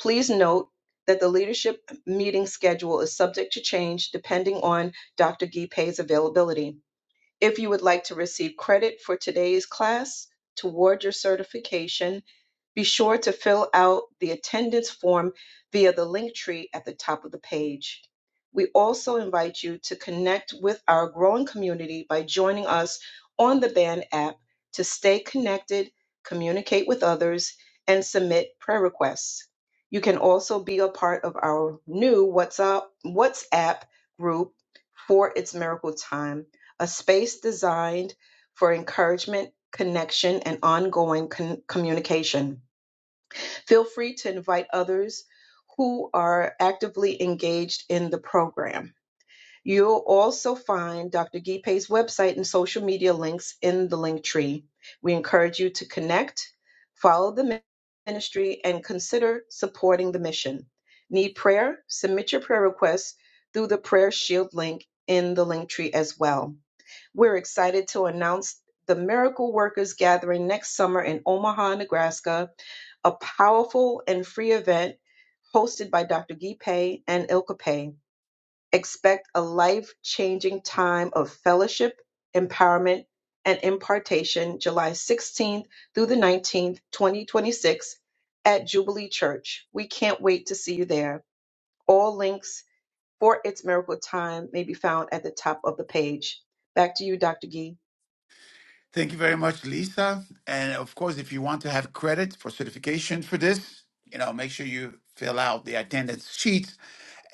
[SPEAKER 8] Please note that the leadership meeting schedule is subject to change depending on Dr. Gee Pay's availability. If you would like to receive credit for today's class toward your certification, be sure to fill out the attendance form via the link tree at the top of the page. We also invite you to connect with our growing community by joining us on the Band app to stay connected, communicate with others, and submit prayer requests. You can also be a part of our new WhatsApp, WhatsApp group for its miracle time a space designed for encouragement, connection, and ongoing con- communication. Feel free to invite others who are actively engaged in the program. You'll also find Dr. Gipe's website and social media links in the link tree. We encourage you to connect, follow the ministry, and consider supporting the mission. Need prayer? Submit your prayer requests through the Prayer Shield link in the link tree as well. We're excited to announce the Miracle Workers Gathering next summer in Omaha, Nebraska, a powerful and free event hosted by Dr. Guy Pay and Ilka Pay. Expect a life changing time of fellowship, empowerment, and impartation July 16th through the 19th, 2026, at Jubilee Church. We can't wait to see you there. All links for its miracle time may be found at the top of the page. Back to you, Dr. Gee.
[SPEAKER 1] Thank you very much, Lisa. And of course, if you want to have credit for certification for this, you know, make sure you fill out the attendance sheets.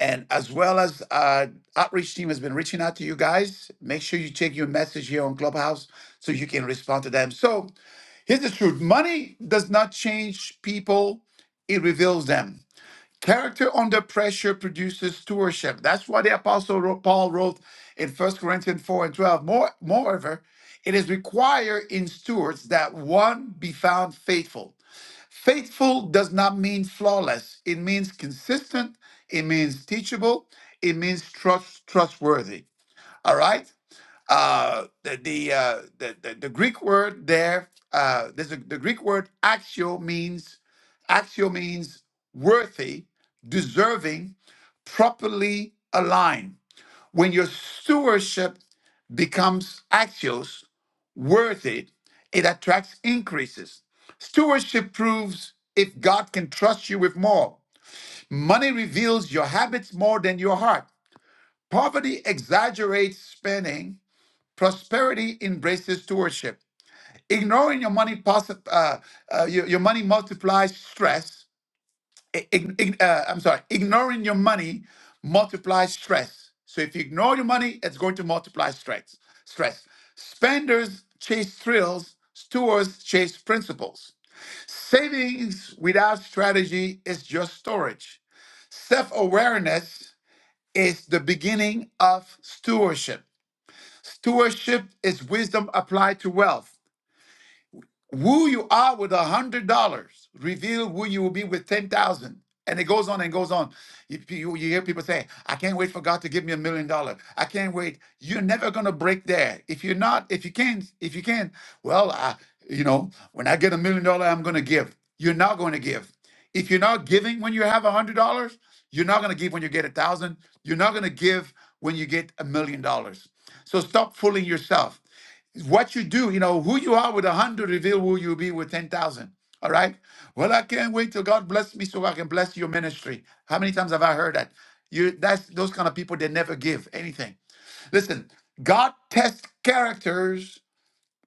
[SPEAKER 1] And as well as uh, outreach team has been reaching out to you guys, make sure you check your message here on Clubhouse so you can respond to them. So here's the truth: money does not change people; it reveals them. Character under pressure produces stewardship. That's why the apostle Paul wrote in First Corinthians 4 and 12. More, moreover, it is required in stewards that one be found faithful. Faithful does not mean flawless. It means consistent. It means teachable. It means trust, trustworthy. All right. Uh, the the, uh, the the the Greek word there, uh, there's a, the Greek word axio means axio means worthy, deserving, properly aligned. When your stewardship becomes axios, worthy, it attracts increases. Stewardship proves if God can trust you with more. Money reveals your habits more than your heart. Poverty exaggerates spending Prosperity embraces stewardship. Ignoring your money possi- uh, uh, your, your money multiplies stress. I- ig- ig- uh, I'm sorry. Ignoring your money multiplies stress. So if you ignore your money, it's going to multiply stress. Stress. Spenders chase thrills. Stewards chase principles. Savings without strategy is just storage. Self awareness is the beginning of stewardship. Stewardship is wisdom applied to wealth. Who you are with a hundred dollars reveal who you will be with ten thousand. And it goes on and goes on. If you, you hear people say, I can't wait for God to give me a million dollars. I can't wait. You're never gonna break there. If you're not, if you can't, if you can, not well, I, you know, when I get a million dollar, I'm gonna give. You're not gonna give. If you're not giving when you have a hundred dollars, you're not gonna give when you get a thousand. You're not gonna give when you get a million dollars. So stop fooling yourself what you do, you know, who you are with a hundred reveal who you'll be with ten thousand. All right. Well, I can't wait till God bless me so I can bless your ministry. How many times have I heard that? You that's those kind of people that never give anything. Listen, God tests characters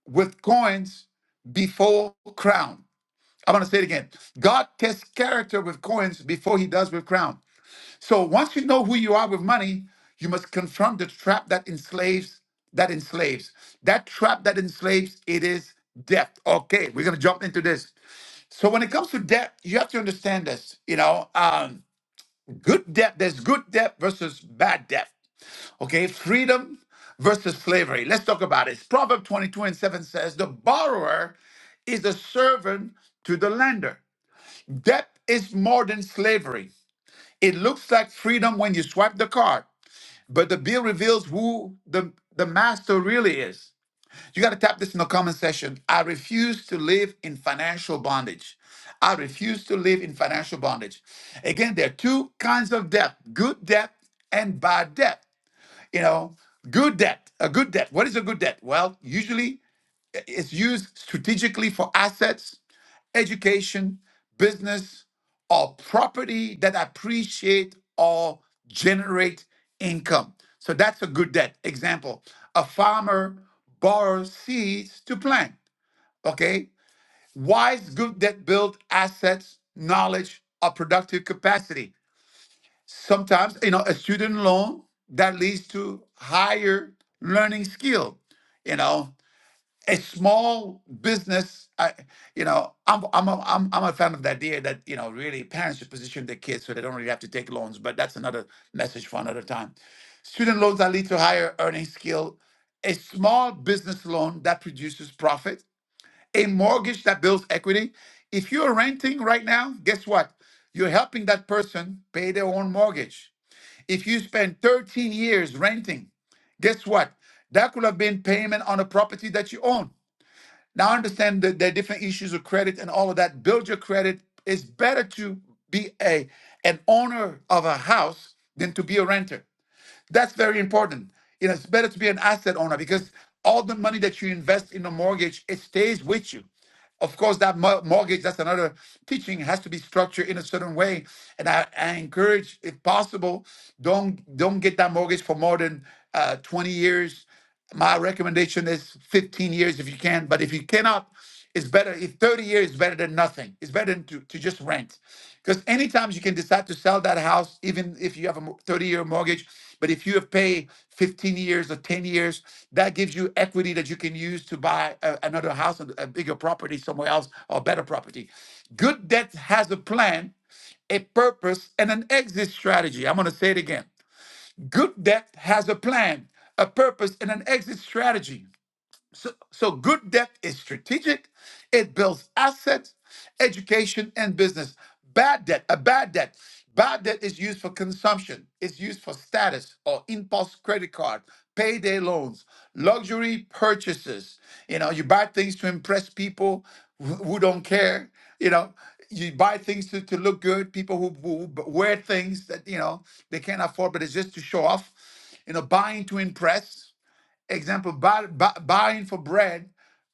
[SPEAKER 1] with coins before crown. I'm gonna say it again. God tests character with coins before he does with crown. So once you know who you are with money, you must confront the trap that enslaves, that enslaves. That trap that enslaves, it is debt. Okay, we're gonna jump into this. So when it comes to debt, you have to understand this. You know, um, good debt, there's good debt versus bad debt. Okay, freedom versus slavery. Let's talk about it. Proverb 22 and 7 says, The borrower is a servant to the lender. Debt is more than slavery. It looks like freedom when you swipe the card, but the bill reveals who the, the master really is. You got to tap this in the comment section. I refuse to live in financial bondage. I refuse to live in financial bondage. Again, there are two kinds of debt good debt and bad debt. You know, good debt, a good debt. What is a good debt? Well, usually it's used strategically for assets education, business, or property that appreciate or generate income. So that's a good debt. Example, a farmer borrows seeds to plant. Okay. Wise good debt build assets, knowledge, or productive capacity. Sometimes, you know, a student loan that leads to higher learning skill. You know, a small business I, you know I'm, I'm a, I'm I'm a fan of the idea that you know really parents should position their kids so they don't really have to take loans but that's another message for another time student loans that lead to higher earning skill a small business loan that produces profit a mortgage that builds equity if you're renting right now guess what you're helping that person pay their own mortgage if you spend 13 years renting guess what that could have been payment on a property that you own now I understand that there are different issues of credit and all of that. Build your credit. It's better to be a an owner of a house than to be a renter. That's very important. You know, It's better to be an asset owner because all the money that you invest in a mortgage, it stays with you. Of course, that mortgage, that's another teaching, has to be structured in a certain way. And I, I encourage, if possible, don't don't get that mortgage for more than uh, 20 years. My recommendation is 15 years if you can. But if you cannot, it's better if 30 years is better than nothing. It's better than to, to just rent because anytime you can decide to sell that house, even if you have a 30 year mortgage, but if you have paid 15 years or 10 years, that gives you equity that you can use to buy a- another house, and a bigger property somewhere else, or better property. Good debt has a plan, a purpose, and an exit strategy. I'm going to say it again. Good debt has a plan, a purpose, and an exit strategy. So, so good debt is strategic. It builds assets, education, and business. Bad debt, a bad debt. Bad debt is used for consumption. It's used for status or impulse credit card, payday loans, luxury purchases. You know, you buy things to impress people who who don't care. You know, you buy things to, to look good. People who, who b- wear things that you know they can't afford, but it's just to show off. You know, buying to impress example, buy, buy, buying for bread,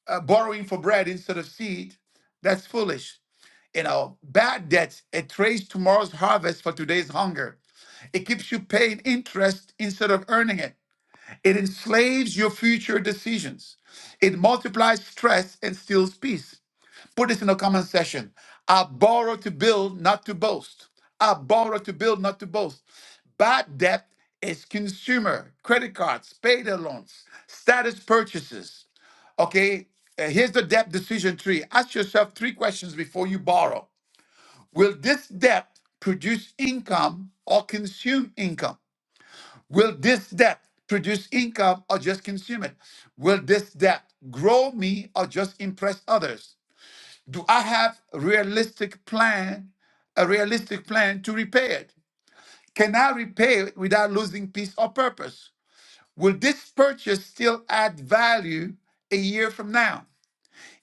[SPEAKER 1] uh, borrowing for bread instead of seed, that's foolish. You know, bad debts it trades tomorrow's harvest for today's hunger. It keeps you paying interest instead of earning it. It enslaves your future decisions. It multiplies stress and steals peace. Put this in the comment section. I borrow to build, not to boast. I borrow to build, not to boast. Bad debt is consumer, credit cards, payday loans, status purchases. Okay, uh, here's the debt decision tree. Ask yourself three questions before you borrow. Will this debt produce income or consume income? Will this debt produce income or just consume it? Will this debt grow me or just impress others? Do I have a realistic plan, a realistic plan to repair it? Can I repair it without losing peace or purpose? Will this purchase still add value a year from now?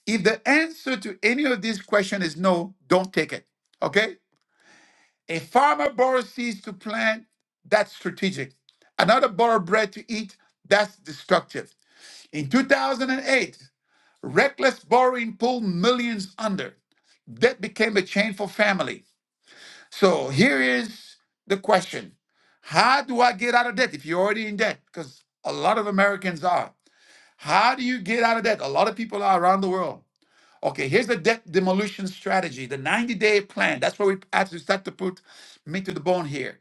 [SPEAKER 1] If the answer to any of these questions is no, don't take it. Okay? A farmer borrows seeds to plant, that's strategic. Another borrowed bread to eat, that's destructive. In 2008, reckless borrowing pulled millions under. Debt became a chain for families. So here is the question How do I get out of debt if you're already in debt? Because a lot of Americans are. How do you get out of debt? A lot of people are around the world. Okay, here's the debt demolition strategy, the 90 day plan. That's where we actually start to put meat to the bone here.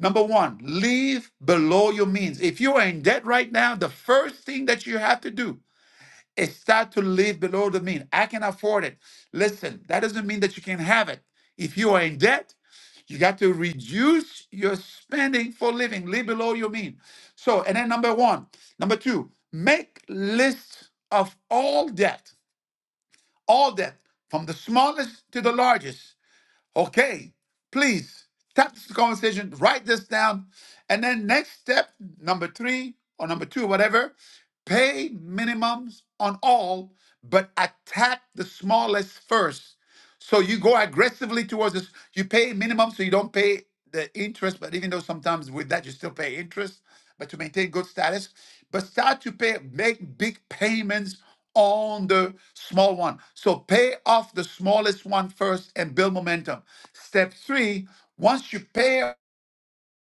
[SPEAKER 1] Number one, live below your means. If you are in debt right now, the first thing that you have to do it start to live below the mean. I can afford it. Listen, that doesn't mean that you can have it. If you are in debt, you got to reduce your spending for living. Live below your mean. So, and then number one, number two, make list of all debt, all debt, from the smallest to the largest. Okay, please tap this conversation, write this down, and then next step number three or number two, whatever, pay minimums on all, but attack the smallest first. So you go aggressively towards this. You pay minimum, so you don't pay the interest. But even though sometimes with that you still pay interest, but to maintain good status, but start to pay make big payments on the small one. So pay off the smallest one first and build momentum. Step three: once you pay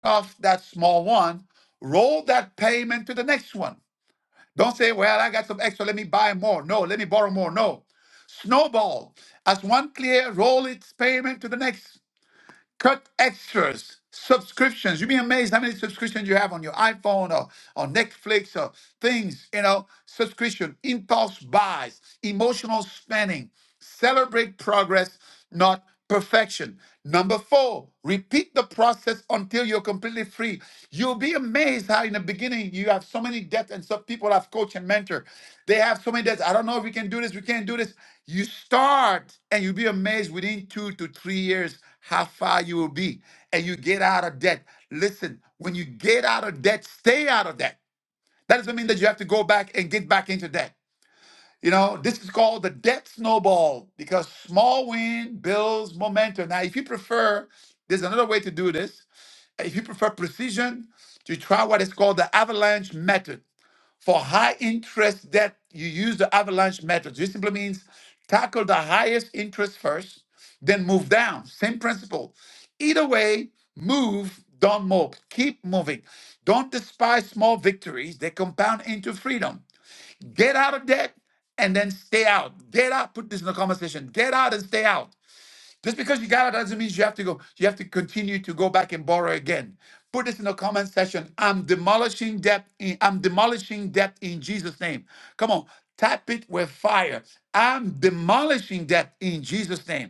[SPEAKER 1] off that small one, roll that payment to the next one. Don't say, well, I got some extra, let me buy more. No, let me borrow more. No. Snowball as one clear roll its payment to the next. Cut extras, subscriptions. You'd be amazed how many subscriptions you have on your iPhone or on Netflix or things, you know, subscription, impulse buys, emotional spending. Celebrate progress, not perfection. Number four, repeat the process until you're completely free. You'll be amazed how in the beginning you have so many debts and some people have coach and mentor. They have so many debts. I don't know if we can do this, we can't do this. You start and you'll be amazed within two to three years how far you will be. And you get out of debt. Listen, when you get out of debt, stay out of debt. That doesn't mean that you have to go back and get back into debt. You know, this is called the debt snowball because small win builds momentum. Now, if you prefer, there's another way to do this. If you prefer precision, you try what is called the avalanche method. For high interest debt, you use the avalanche method. This simply means tackle the highest interest first, then move down. Same principle. Either way, move, don't mope. Keep moving. Don't despise small victories, they compound into freedom. Get out of debt and then stay out. Get out. Put this in the comment section. Get out and stay out. Just because you got out doesn't mean you have to go. You have to continue to go back and borrow again. Put this in the comment section. I'm demolishing debt. In, I'm demolishing debt in Jesus' name. Come on, tap it with fire. I'm demolishing debt in Jesus' name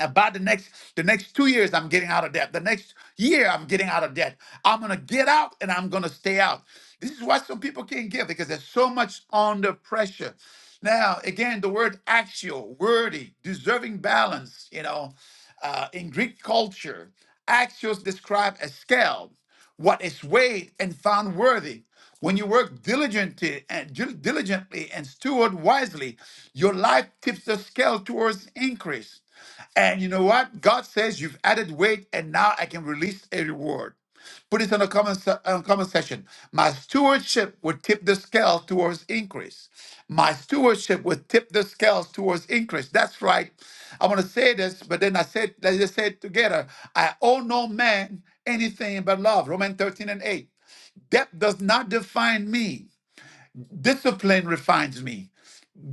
[SPEAKER 1] about the next the next two years i'm getting out of debt the next year i'm getting out of debt i'm gonna get out and i'm gonna stay out this is why some people can't give because there's so much under pressure now again the word axial worthy deserving balance you know uh, in greek culture axios describe a scale what is weighed and found worthy when you work diligently and dil- diligently and steward wisely your life tips the scale towards increase and you know what? God says you've added weight, and now I can release a reward. Put it on a comment, se- on comment section. My stewardship would tip the scale towards increase. My stewardship would tip the scales towards increase. That's right. I want to say this, but then I said, let's just say it together. I owe no man anything but love. Romans 13 and 8. Debt does not define me. Discipline refines me.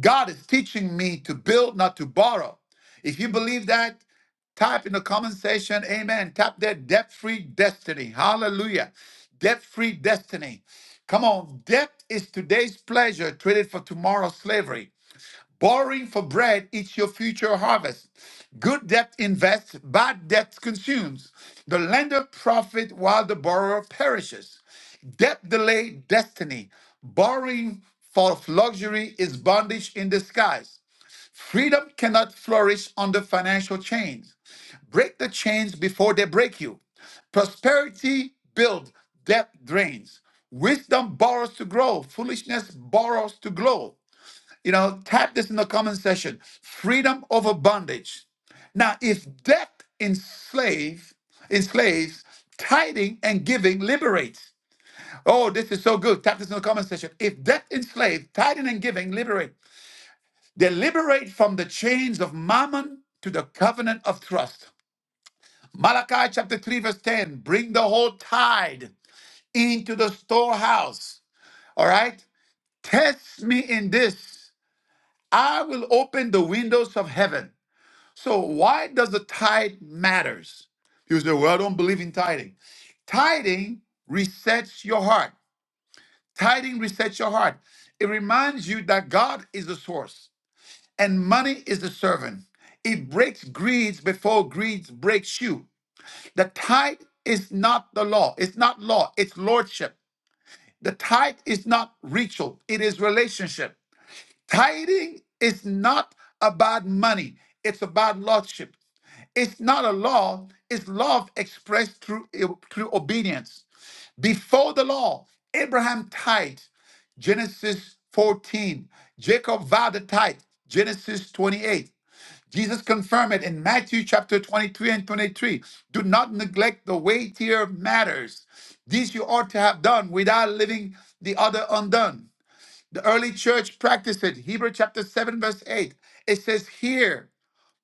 [SPEAKER 1] God is teaching me to build, not to borrow. If you believe that, type in the comment section, amen. Tap that debt free destiny. Hallelujah. Debt free destiny. Come on. Debt is today's pleasure traded for tomorrow's slavery. Borrowing for bread eats your future harvest. Good debt invests, bad debt consumes. The lender profits while the borrower perishes. Debt delay destiny. Borrowing for luxury is bondage in disguise. Freedom cannot flourish under financial chains. Break the chains before they break you. Prosperity builds, debt drains. Wisdom borrows to grow, foolishness borrows to glow. You know, type this in the comment section. Freedom over bondage. Now, if death enslave, enslaves, tithing and giving liberates. Oh, this is so good. Type this in the comment section. If death enslaves, tithing and giving liberate. They liberate from the chains of mammon to the covenant of trust. Malachi chapter 3, verse 10. Bring the whole tithe into the storehouse. All right? Test me in this. I will open the windows of heaven So why does the tithe matters? You say, well, I don't believe in tithing. Tithing resets your heart. Tithing resets your heart. It reminds you that God is the source and money is the servant. It breaks greeds before greed breaks you. The tithe is not the law. It's not law. It's lordship. The tithe is not ritual. It is relationship. Tithing is not about money, it's about lordship. It's not a law, it's love expressed through, eh, through obedience. Before the law, Abraham tithed, Genesis 14. Jacob vowed a tithe, Genesis 28. Jesus confirmed it in Matthew chapter 23 and 23. Do not neglect the weightier matters. These you ought to have done without leaving the other undone. The early church practiced it. Hebrew chapter 7, verse 8. It says, Here,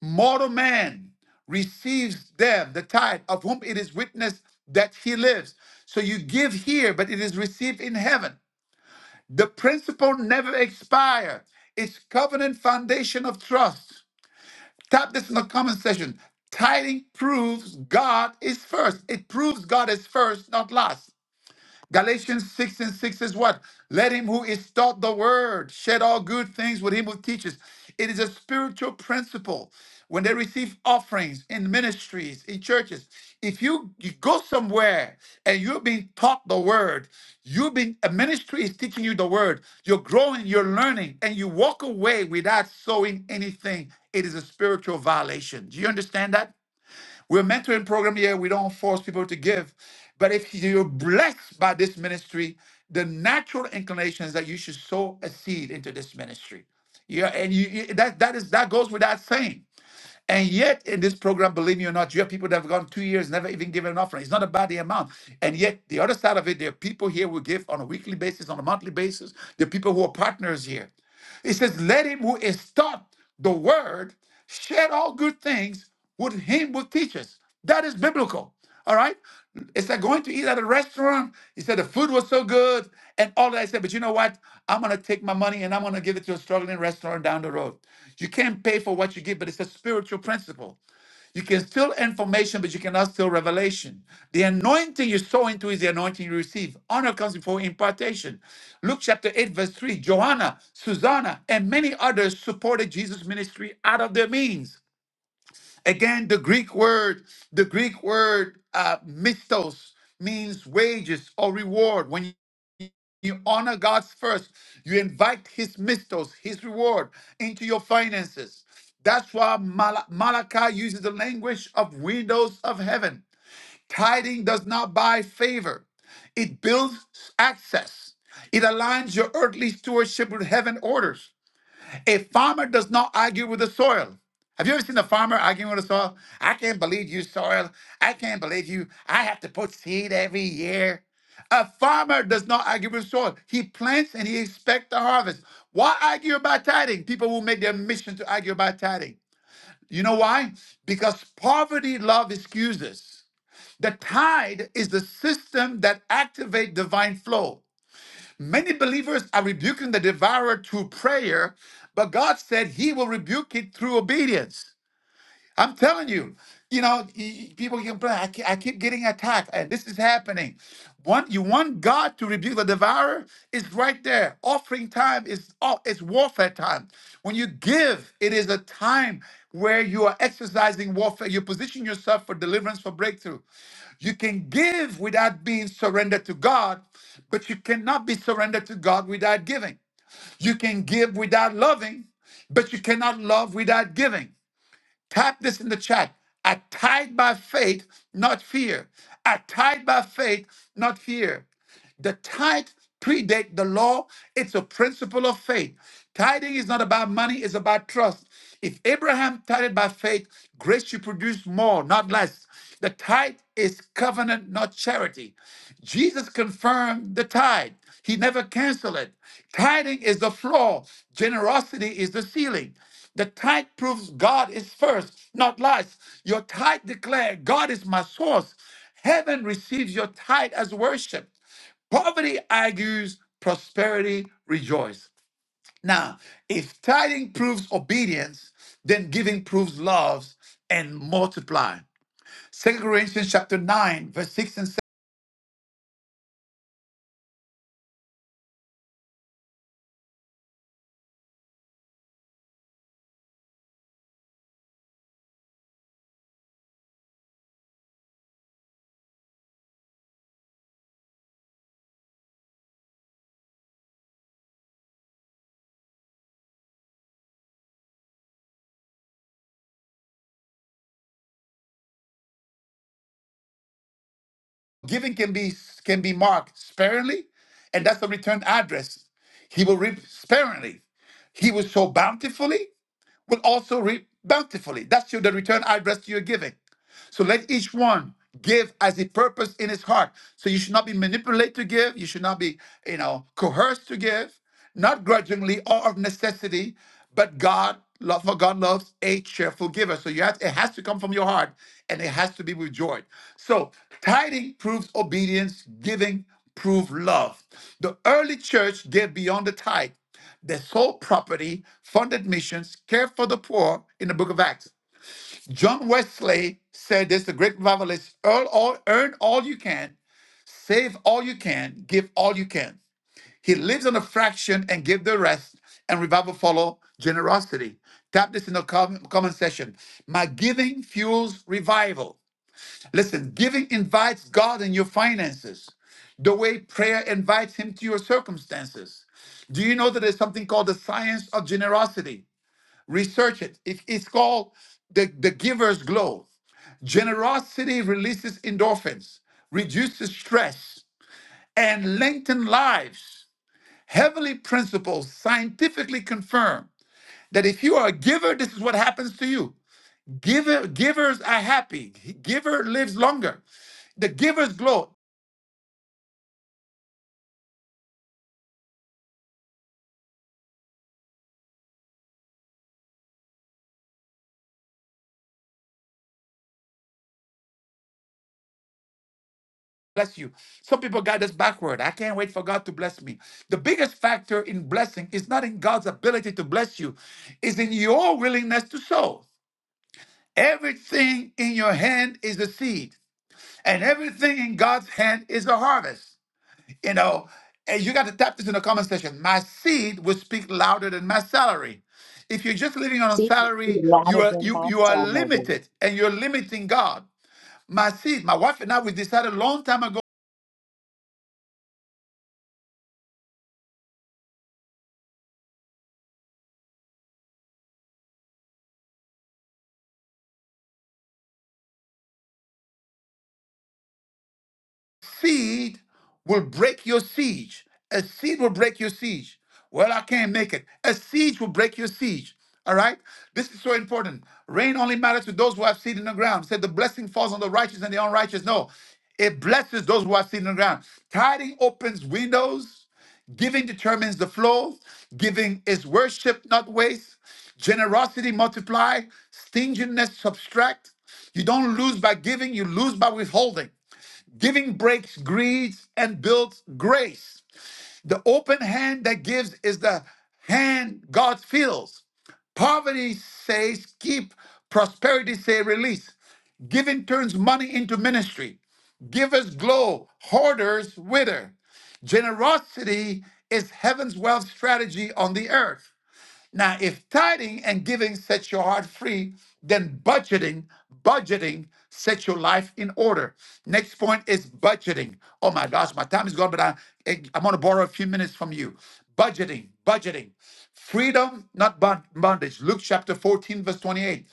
[SPEAKER 1] mortal man receives them, the tithe, of whom it is witnessed that he lives. So you give here, but it is received in heaven. The principle never expires. It's covenant foundation of trust. Tap this in the comment section. Tithing proves God is first. It proves God is first, not last. Galatians 6 and 6 is what? Let him who is taught the word shed all good things with him who teaches. It is a spiritual principle. When they receive offerings in ministries, in churches, if you, you go somewhere and you're being taught the word, you've been a ministry is teaching you the word, you're growing, you're learning, and you walk away without sowing anything, it is a spiritual violation. Do you understand that? We're a mentoring program here. We don't force people to give. But if you're blessed by this ministry, the natural inclination is that you should sow a seed into this ministry. Yeah, and you, you- that that is that goes without saying. And yet, in this program, believe me or not, you have people that have gone two years never even given an offering. It's not about the amount. And yet, the other side of it, there are people here who give on a weekly basis, on a monthly basis. There are people who are partners here. It says, Let him who is taught the word share all good things with him who teaches. That is biblical. All right. It's like going to eat at a restaurant. He said the food was so good and all that. I said, but you know what? I'm gonna take my money and I'm gonna give it to a struggling restaurant down the road. You can't pay for what you give, but it's a spiritual principle. You can steal information, but you cannot steal revelation. The anointing you sow into is the anointing you receive. Honor comes before impartation. Luke chapter 8, verse 3 Joanna, Susanna, and many others supported Jesus' ministry out of their means. Again, the Greek word, the Greek word uh, mistos means wages or reward. When you honor God's first. You invite His mistos, His reward, into your finances. That's why Mal- Malachi uses the language of windows of heaven. Tithing does not buy favor, it builds access. It aligns your earthly stewardship with heaven orders. A farmer does not argue with the soil. Have you ever seen a farmer arguing with the soil? I can't believe you, soil. I can't believe you. I have to put seed every year. A farmer does not argue with soil. He plants and he expects the harvest. Why argue about tithing? People will make their mission to argue about tithing. You know why? Because poverty love excuses. The tide is the system that activates divine flow. Many believers are rebuking the devourer through prayer, but God said he will rebuke it through obedience. I'm telling you, you know, y- y- people can complain, I keep, I keep getting attacked, and this is happening. Want you want God to rebuke the devourer? It's right there. Offering time is all it's warfare time. When you give, it is a time where you are exercising warfare. You position yourself for deliverance, for breakthrough. You can give without being surrendered to God, but you cannot be surrendered to God without giving. You can give without loving, but you cannot love without giving. Type this in the chat. I tied by faith, not fear. I tied by faith, not fear. The tithe predate the law. It's a principle of faith. Tithing is not about money, it's about trust. If Abraham tithed by faith, grace should produce more, not less. The tithe is covenant, not charity. Jesus confirmed the tithe. He never canceled it. Tithing is the floor. Generosity is the ceiling. The tithe proves God is first, not last. Your tithe declare God is my source. Heaven receives your tithe as worship. Poverty argues, prosperity rejoices. Now, if tithing proves obedience, then giving proves love and multiply. Second Corinthians chapter 9, verse 6 and 7. Giving can be can be marked sparingly, and that's the return address. He will reap sparingly. He will sow bountifully, will also reap bountifully. That's you, the return I address to your giving. So let each one give as a purpose in his heart. So you should not be manipulated to give. You should not be, you know, coerced to give, not grudgingly or of necessity, but God, love for God loves a cheerful giver. So you have it has to come from your heart and it has to be with joy. So tithing proves obedience, giving proves love. The early church gave beyond the tithe. They sold property, funded missions, cared for the poor in the book of Acts. John Wesley said this the great revivalist earn all, earn all you can, save all you can, give all you can. He lives on a fraction and give the rest, and revival follow generosity. Tap this in the com- comment section. My giving fuels revival. Listen, giving invites God in your finances the way prayer invites Him to your circumstances. Do you know that there's something called the science of generosity? Research it. It- It's called the, the giver's glow. Generosity releases endorphins, reduces stress, and lengthens lives. Heavenly principles scientifically confirm that if you are a giver, this is what happens to you. Giver, givers are happy. Giver lives longer. The giver's glow. Bless you. Some people got this backward. I can't wait for God to bless me. The biggest factor in blessing is not in God's ability to bless you, it's in your willingness to sow. Everything in your hand is a seed, and everything in God's hand is a harvest. You know, and you got to tap this in the comment section. My seed will speak louder than my salary. If you're just living on a
[SPEAKER 4] See, you
[SPEAKER 1] salary, you
[SPEAKER 4] louder
[SPEAKER 1] are
[SPEAKER 4] than
[SPEAKER 1] you
[SPEAKER 4] my
[SPEAKER 1] you are
[SPEAKER 4] salary.
[SPEAKER 1] limited and you're limiting God. My seed, my wife and I, we decided a long time ago Seed will break your siege. A seed will break your siege. Well, I can't make it. A siege will break your siege. All right? This is so important. Rain only matters to those who have seed in the ground. Said the blessing falls on the righteous and the unrighteous. No, it blesses those who have seed in the ground. Tithing opens windows. Giving determines the flow. Giving is worship, not waste. Generosity multiply. Stinginess subtract. You don't lose by giving, you lose by withholding. Giving breaks greed and builds grace. The open hand that gives is the hand God feels. Poverty says keep, prosperity say release. Giving turns money into ministry. Givers glow, hoarders wither. Generosity is heaven's wealth strategy on the earth. Now, if tithing and giving sets your heart free, then budgeting, budgeting sets your life in order. Next point is budgeting. Oh my gosh, my time is gone, but I, I- am going to borrow a few minutes from you. Budgeting, budgeting. Freedom, not bond- bondage. Luke chapter 14, verse 28.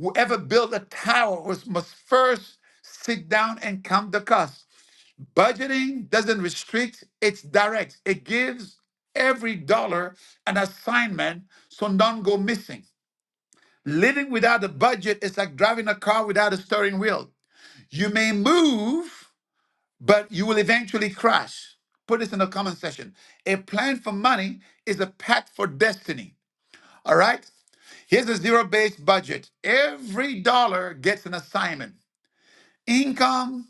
[SPEAKER 1] Whoever built a tower was, must first sit down and count the cost. Budgeting doesn't restrict, it's direct. It gives every dollar an assignment so none go missing. Living without a budget is like driving a car without a steering wheel. You may move, but you will eventually crash. Put this in the comment section. A plan for money is a pact for destiny. All right? Here's a zero based budget every dollar gets an assignment income,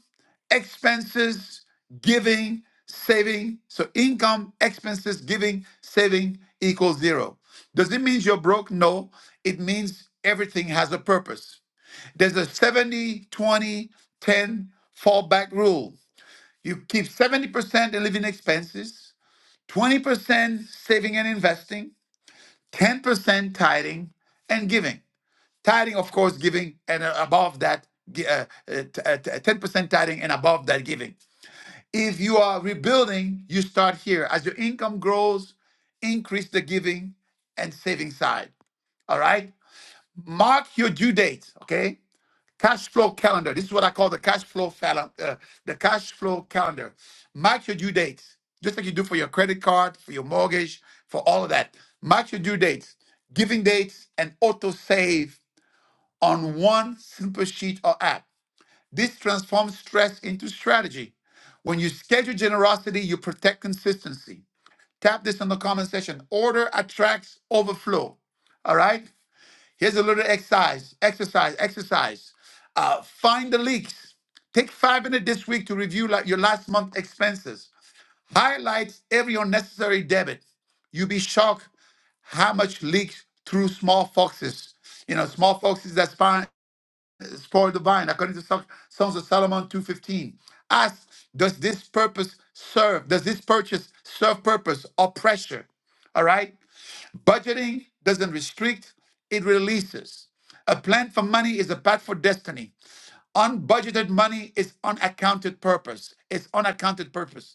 [SPEAKER 1] expenses, giving, saving. So income, expenses, giving, saving equals zero. Does it mean you're broke? No. It means everything has a purpose. There's a 70 20 10 fallback rule. You keep 70% in living expenses, 20% saving and investing, 10% tithing and giving. Tithing, of course, giving, and uh, above that, gi- uh, uh, t- uh, t- uh, 10% tithing and above that giving. If you are rebuilding, you start here. As your income grows, increase the giving and saving side. All right? Mark your due dates, okay? Cash flow calendar. This is what I call the cash flow fal- uh, the cash flow calendar. Mark your due dates, just like you do for your credit card, for your mortgage, for all of that. Mark your due dates, giving dates, and auto save on one simple sheet or app. This transforms stress into strategy. When you schedule generosity, you protect consistency. Tap this in the comment section. Order attracts overflow. All right. Here's a little exercise. Exercise. Exercise. Uh, find the leaks. Take five minutes this week to review like your last month expenses. Highlight every unnecessary debit. You'll be shocked how much leaks through small foxes. You know, small foxes that spawn spoil the vine, according to Sol- Songs of Solomon 2.15. Ask, does this purpose serve, does this purchase serve purpose or pressure? All right? Budgeting doesn't restrict, it releases. A plan for money is a path for destiny. Unbudgeted money is unaccounted purpose. It's unaccounted purpose.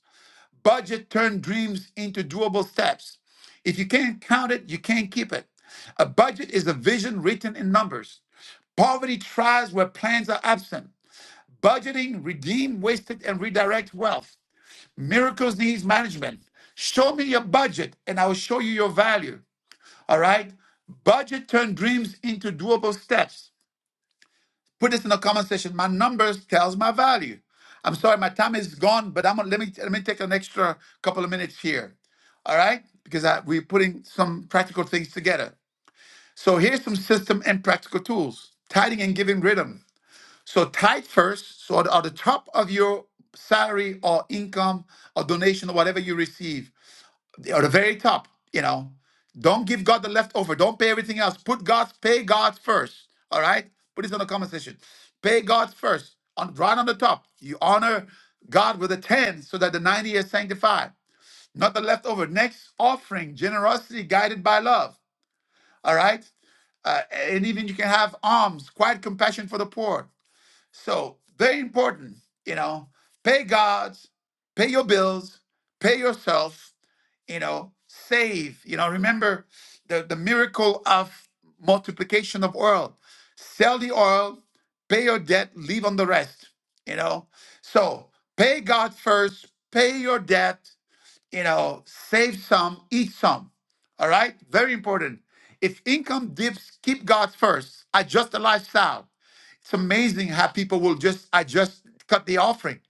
[SPEAKER 1] Budget turn dreams into doable steps. If you can't count it, you can't keep it. A budget is a vision written in numbers. Poverty tries where plans are absent. Budgeting redeem wasted and redirect wealth. Miracles needs management. Show me your budget and I will show you your value. All right? Budget turn dreams into doable steps. Put this in the comment section. My numbers tells my value. I'm sorry, my time is gone, but I'm gonna let me let me take an extra couple of minutes here. All right, because I, we're putting some practical things together. So here's some system and practical tools: tithing and giving rhythm. So tithe first. So at, at the top of your salary or income or donation or whatever you receive, or the very top, you know. Don't give God the leftover. Don't pay everything else. Put God's pay God's first. All right? Put this on the comment section. Pay God's first. On right on the top. You honor God with a 10 so that the 90 is sanctified. Not the leftover. Next offering, generosity guided by love. All right? Uh, and even you can have alms, quiet compassion for the poor. So very important, you know. Pay God's, pay your bills, pay yourself, you know, save. You know, remember the, the miracle of multiplication of oil. Sell the oil, pay your debt, leave on the rest. You know, so pay God first, pay your debt, you know, save some, eat some. All right, very important. If income dips, keep God first. Adjust the lifestyle. It's amazing how people will just, I just cut the offering.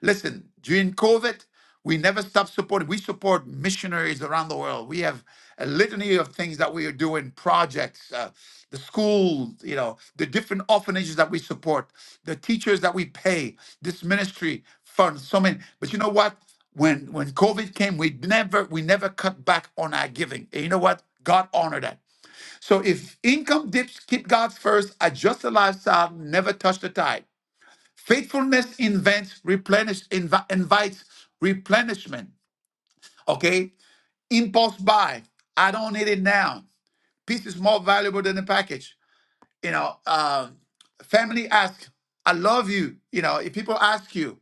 [SPEAKER 1] Listen, during COVID, we never stop supporting. We support missionaries around the world. We have a litany of things that we are doing, projects, uh, the school, you know, the different orphanages that we support, the teachers that we pay, this ministry fund, so many. But you know what? When when COVID came, we never we never cut back on our giving. And you know what? God honored that. So if income dips, keep God first, adjust the lifestyle, never touch the tide. Faithfulness invents, replenish, invi- invites replenishment. Okay? Impulse buy. I don't need it now. Piece is more valuable than the package. You know, um, family ask, I love you. You know, if people ask you,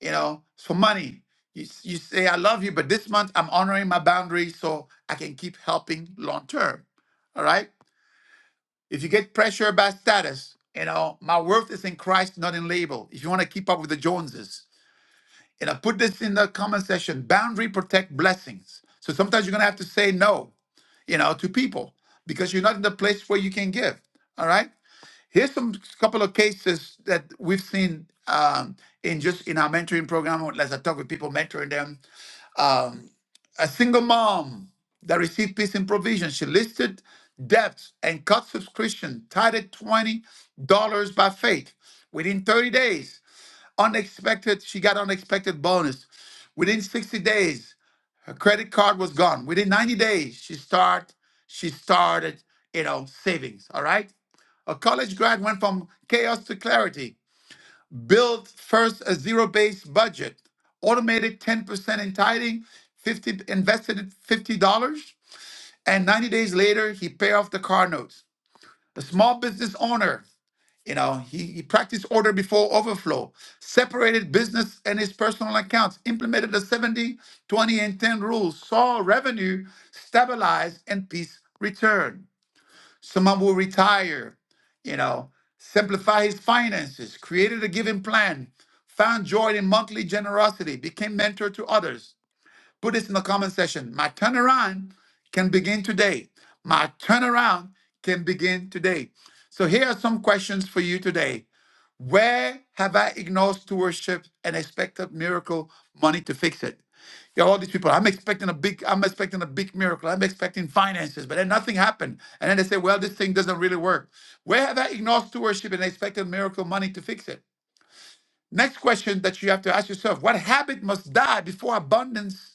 [SPEAKER 1] you know, for money, you, s- you say, I love you, but this month I'm honoring my boundaries so I can keep helping long term. All right? If you get pressure by status, you know, my worth is in Christ, not in label. If you want to keep up with the Joneses, and I put this in the comment section boundary protect blessings. So sometimes you're going to have to say no, you know, to people because you're not in the place where you can give. All right. Here's some couple of cases that we've seen um, in just in our mentoring program, as I talk with people mentoring them. um, a single mom that received peace and provision. She listed debts and cut subscription, tied at $20 by faith. Within 30 days, unexpected, she got unexpected bonus. Within 60 days, her credit card was gone. Within 90 days, she start, she started, you know, savings. All right. A college grad went from chaos to clarity build first a zero based budget, automated 10% in tithing, 50 invested $50, and 90 days later he pay off the car notes. The small business owner, you know, he, he practiced order before overflow, separated business and his personal accounts, implemented the 70, 20, and 10 rules, saw revenue stabilize and peace return. Someone will retire, you know, simplify his finances, created a giving plan, found joy in monthly generosity, became mentor to others. Put this in the comment section. My turnaround can begin today. My turnaround can begin today. So here are some questions for you today. Where have I ignored stewardship and expected miracle money to fix it? Yeah, all these people. I'm expecting a big. I'm expecting a big miracle. I'm expecting finances, but then nothing happened. And then they say, "Well, this thing doesn't really work." Where have I ignored stewardship and expected miracle money to fix it? Next question that you have to ask yourself: What habit must die before abundance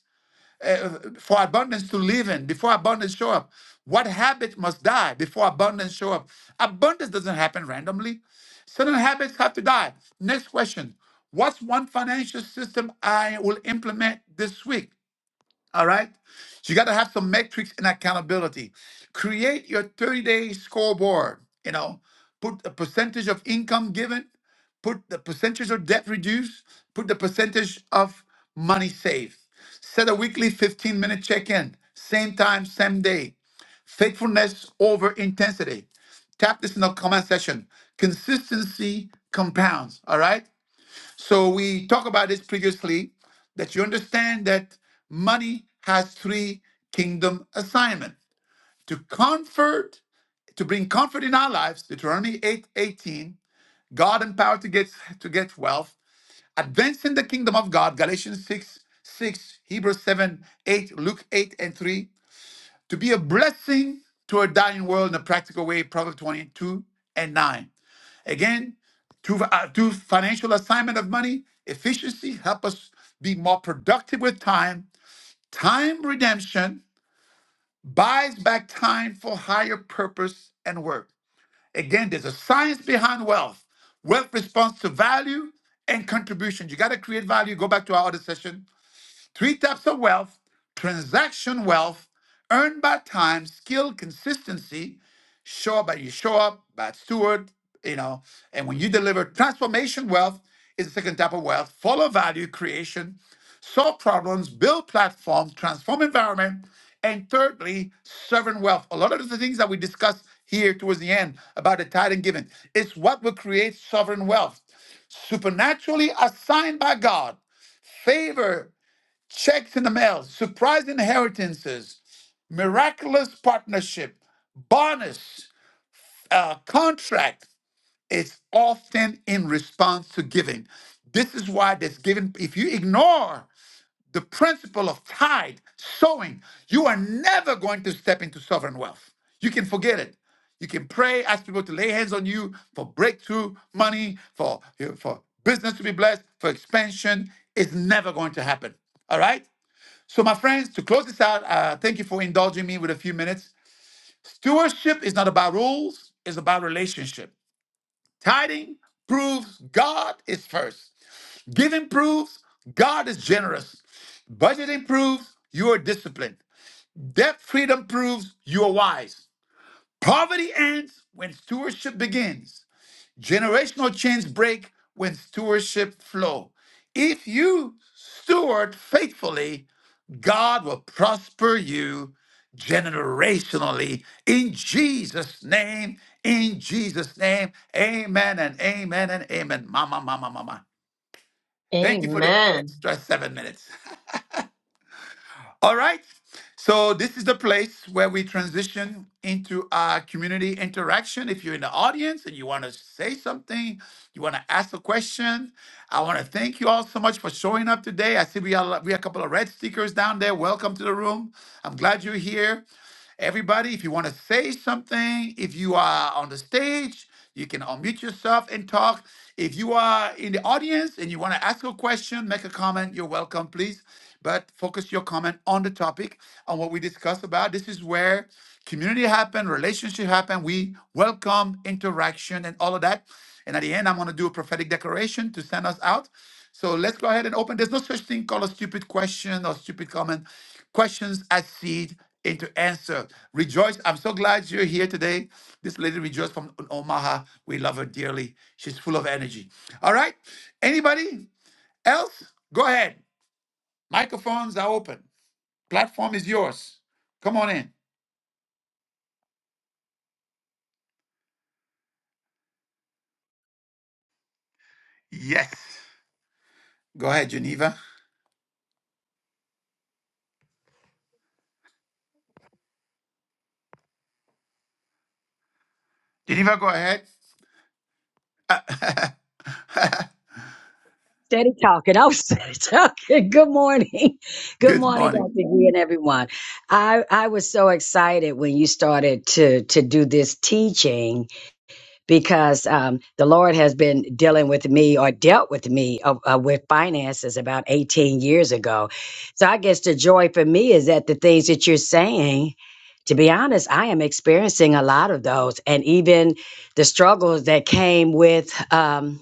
[SPEAKER 1] uh, for abundance to live in before abundance show up what habit must die before abundance show up abundance doesn't happen randomly certain habits have to die next question what's one financial system i will implement this week all right. So you got to have some metrics and accountability. Create your 30 day scoreboard. You know, put a percentage of income given, put the percentage of debt reduced, put the percentage of money saved. Set a weekly 15 minute check in, same time, same day. Faithfulness over intensity. Tap this in the comment section. Consistency compounds. All right. So we talked about this previously that you understand that money has three kingdom assignment to comfort, to bring comfort in our lives, Deuteronomy 8 18, God empowered to get to get wealth, advancing the kingdom of God, Galatians 6 6, Hebrews 7 8, Luke 8 and 3, to be a blessing to a dying world in a practical way, Proverbs 22 and 9. Again, through, uh, through financial assignment of money, efficiency help us be more productive with time. Time redemption buys back time for higher purpose and work. Again, there's a science behind wealth. Wealth responds to value and contribution. You got to create value. Go back to our other session Three types of wealth transaction wealth, earned by time, skill, consistency, show up by you show up, bad steward, you know, and when you deliver transformation wealth is the second type of wealth, follow value creation, solve problems, build platforms, transform environment, and thirdly, servant wealth. A lot of the things that we discussed here towards the end about the tithe and giving, it's what will create sovereign wealth. Supernaturally assigned by God, favor checks in the mail, surprise inheritances, miraculous partnership, bonus, uh, contract its often in response to giving. This is why this giving, if you ignore the principle of tithe, sowing, you are never going to step into sovereign wealth. You can forget it. You can pray, ask people to lay hands on you for breakthrough, money, for, for business to be blessed, for expansion. It's never going to happen. All right? So, my friends, to close this out, uh, thank you for indulging me with a few minutes. Stewardship is not about rules, it's about relationship. Tithing proves God is first, giving proves God is generous, budgeting proves you are disciplined, debt freedom proves you are wise. Poverty ends when stewardship begins. Generational chains break when stewardship flow. If you steward faithfully, God will prosper you generationally in Jesus' name. In Jesus' name. Amen and amen and amen. Mama, mama, mama. Thank you for the extra seven minutes. All right. So this is the place where we transition into our community interaction. If you're in the audience and you want to say something, you want to ask a question, I want to thank you all so much for showing up today. I see we are we have a couple of red stickers down there. Welcome to the room. I'm glad you're here. Everybody, if you want to say something, if you are on the stage, you can unmute yourself and talk. If you are in the audience and you want to ask a question, make a comment, you're welcome, please. But focus your comment on the topic, on what we discussed about. This is where community happen, relationship happen. We welcome interaction and all of that. And at the end, I'm going to do a prophetic declaration to send us out. So let's go ahead and open. There's no such thing called a stupid question or stupid comment. Questions as seed into answer. Rejoice. I'm so glad you're here today. This lady Rejoice from Omaha. We love her dearly. She's full of energy. All right. Anybody else? Go ahead. Microphones are open. Platform is yours. Come on in. Yes. Go ahead, Geneva. Geneva, go ahead.
[SPEAKER 11] Steady talking. I was steady talking. Good morning. Good
[SPEAKER 1] Good
[SPEAKER 11] morning,
[SPEAKER 1] morning.
[SPEAKER 11] Dr. G and everyone. I, I was so excited when you started to, to do this teaching because um, the Lord has been dealing with me or dealt with me uh, uh, with finances about 18 years ago. So I guess the joy for me is that the things that you're saying, to be honest, I am experiencing a lot of those and even the struggles that came with. Um,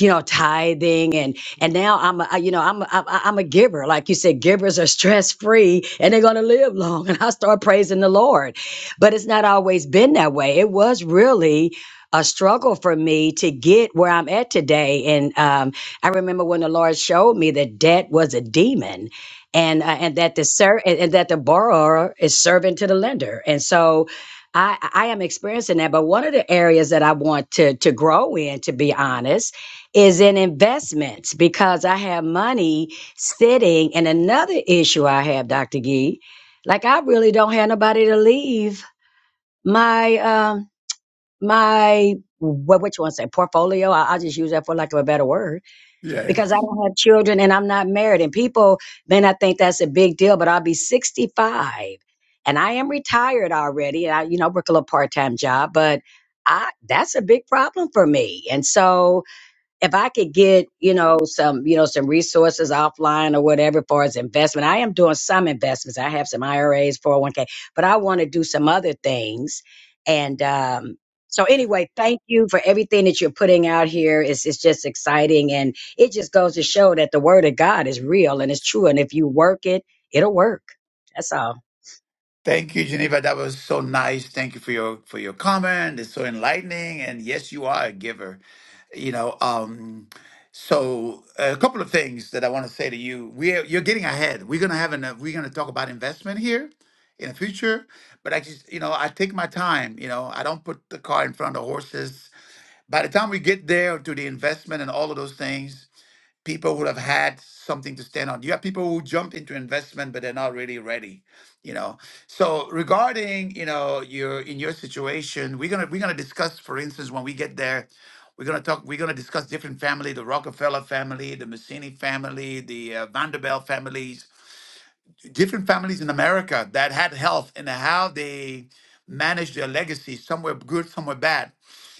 [SPEAKER 11] you know, tithing and and now I'm a, I- you know I'm a, I'm I'm a giver. Like you said, givers are stress free and they're gonna live long. And I start praising the Lord, but it's not always been that way. It was really a struggle for me to get where I'm at today. And um, I remember when the Lord showed me that debt was a demon. And, uh, and that the ser- and and that the borrower is servant to the lender, and so I, I am experiencing that. But one of the areas that I want to to grow in, to be honest, is in investments because I have money sitting. And another issue I have, Dr. Gee, like I really don't have nobody to leave my um my what which one say portfolio. I, I'll just use that for lack of a better word
[SPEAKER 1] Yeah. yeah.
[SPEAKER 11] because I don't have children and I'm not married. And people may not think that's a big deal, but I'll be 65 and I am retired already. And I, you know, work a little part time job, but I that's a big problem for me. And so if I could get, you know, some, you know, some resources offline or whatever for as investment, I am doing some investments. I have some IRAs, 401k, but I want to do some other things. And um, so anyway, thank you for everything that you're putting out here. It's it's just exciting and it just goes to show that the word of God is real and it's true. And if you work it, it'll work. That's all.
[SPEAKER 1] Thank you, Geneva. That was so nice. Thank you for your for your comment. It's so enlightening. And yes, you are a giver. You know, um, so a couple of things that I want to say to you. We're you're getting ahead. We're gonna have an uh, we're gonna talk about investment here in the future. But I just you know I take my time. You know I don't put the car in front of the horses. By the time we get there to the investment and all of those things, people who have had something to stand on. You have people who jump into investment, but they're not really ready, you know. So regarding, you know, your in your situation, we're gonna we're gonna discuss, for instance, when we get there, we're gonna talk. We're gonna discuss different family, the Rockefeller family, the Messini family, the uh, Vanderbilt families different families in America that had health and how they managed their legacy, somewhere good, somewhere bad.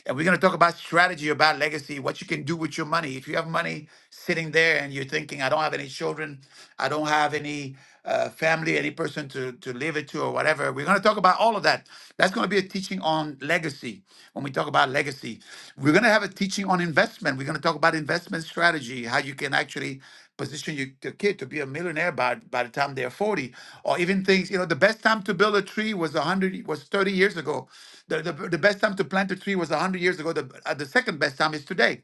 [SPEAKER 1] And we're going to talk about strategy, about legacy, what you can do with your money. If you have money sitting there and you're thinking, I don't have any children, I don't have any uh, family, any person to, to leave it to, or whatever, we're going to talk about all of that. That's going to be a teaching on legacy when we talk about legacy. We're going to have a teaching on investment. We're going to talk about investment strategy, how you can actually position you, the kid to be a millionaire by by the time they're 40 or even things you know the best time to build a tree was 100 was 30 years ago the, the, the best time to plant a tree was 100 years ago the, uh, the second best time is today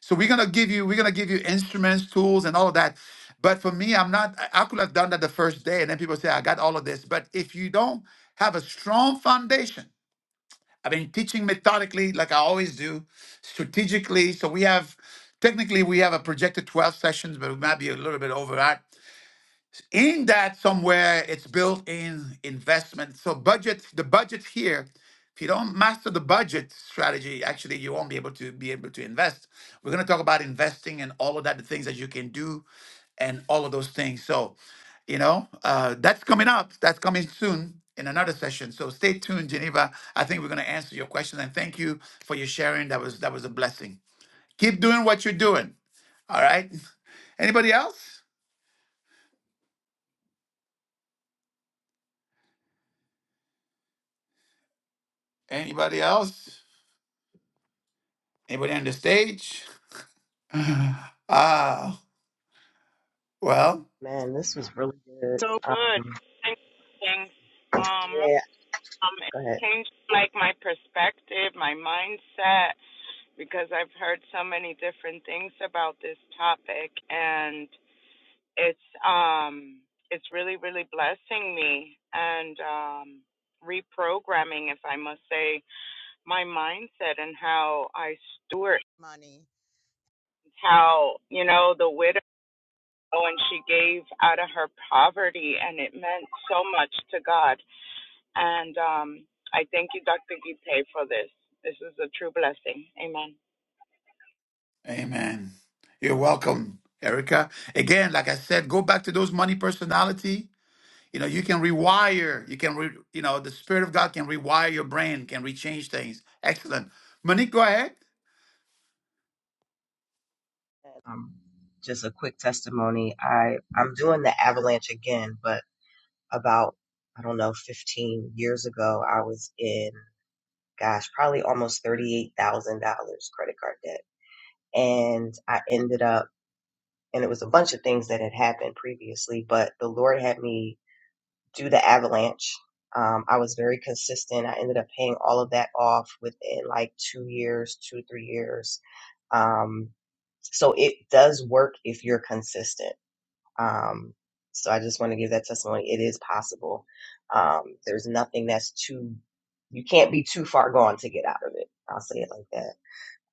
[SPEAKER 1] so we're gonna give you we're gonna give you instruments tools and all of that but for me i'm not i I could have done that the first day and then people say i got all of this but if you don't have a strong foundation I've been teaching methodically, like I always do, strategically. So we have, technically, we have a projected 12 sessions, but we might be a little bit over that in that somewhere it's built in investment so budget the budget here if you don't master the budget strategy actually you won't be able to be able to invest we're going to talk about investing and all of that the things that you can do and all of those things so you know uh, that's coming up that's coming soon in another session so stay tuned geneva i think we're going to answer your questions and thank you for your sharing that was that was a blessing keep doing what you're doing all right anybody else anybody else Anybody on the stage? Ah, well,
[SPEAKER 12] Man, this was really good.
[SPEAKER 7] Good.
[SPEAKER 12] Um,
[SPEAKER 7] thanks. things. Um,
[SPEAKER 12] yeah,
[SPEAKER 7] um, it
[SPEAKER 12] go ahead.
[SPEAKER 7] changed like my perspective, my mindset, because I've heard so many different things about this topic, and it's um, it's really really blessing me and um, reprogramming, if I must say, my mindset and how I steward Money. how, you know, the widow and she gave out of her poverty and it meant so much to God. And um I thank you, Dr. Gite, for this. This is a true blessing. Amen.
[SPEAKER 1] amen. You're welcome, Erica. Again, like I said, go back to those money personality. You know, you can rewire. You can, re, you know, the Spirit of God can rewire your brain, can rechange things. Excellent. Monique, go ahead.
[SPEAKER 12] Um, just a quick testimony. I I'm doing the avalanche again, but about I don't know, 15 years ago, I was in, gosh, probably almost thirty-eight thousand dollars credit card debt, and I ended up, and it was a bunch of things that had happened previously, but the Lord had me do the avalanche. Um, I was very consistent. I ended up paying all of that off within like two years, two three years Um, so it does work if you're consistent. Um, so I just want to give that testimony. It is possible. Um, there's nothing that's too, you can't be too far gone to get out of it. I'll say it like that.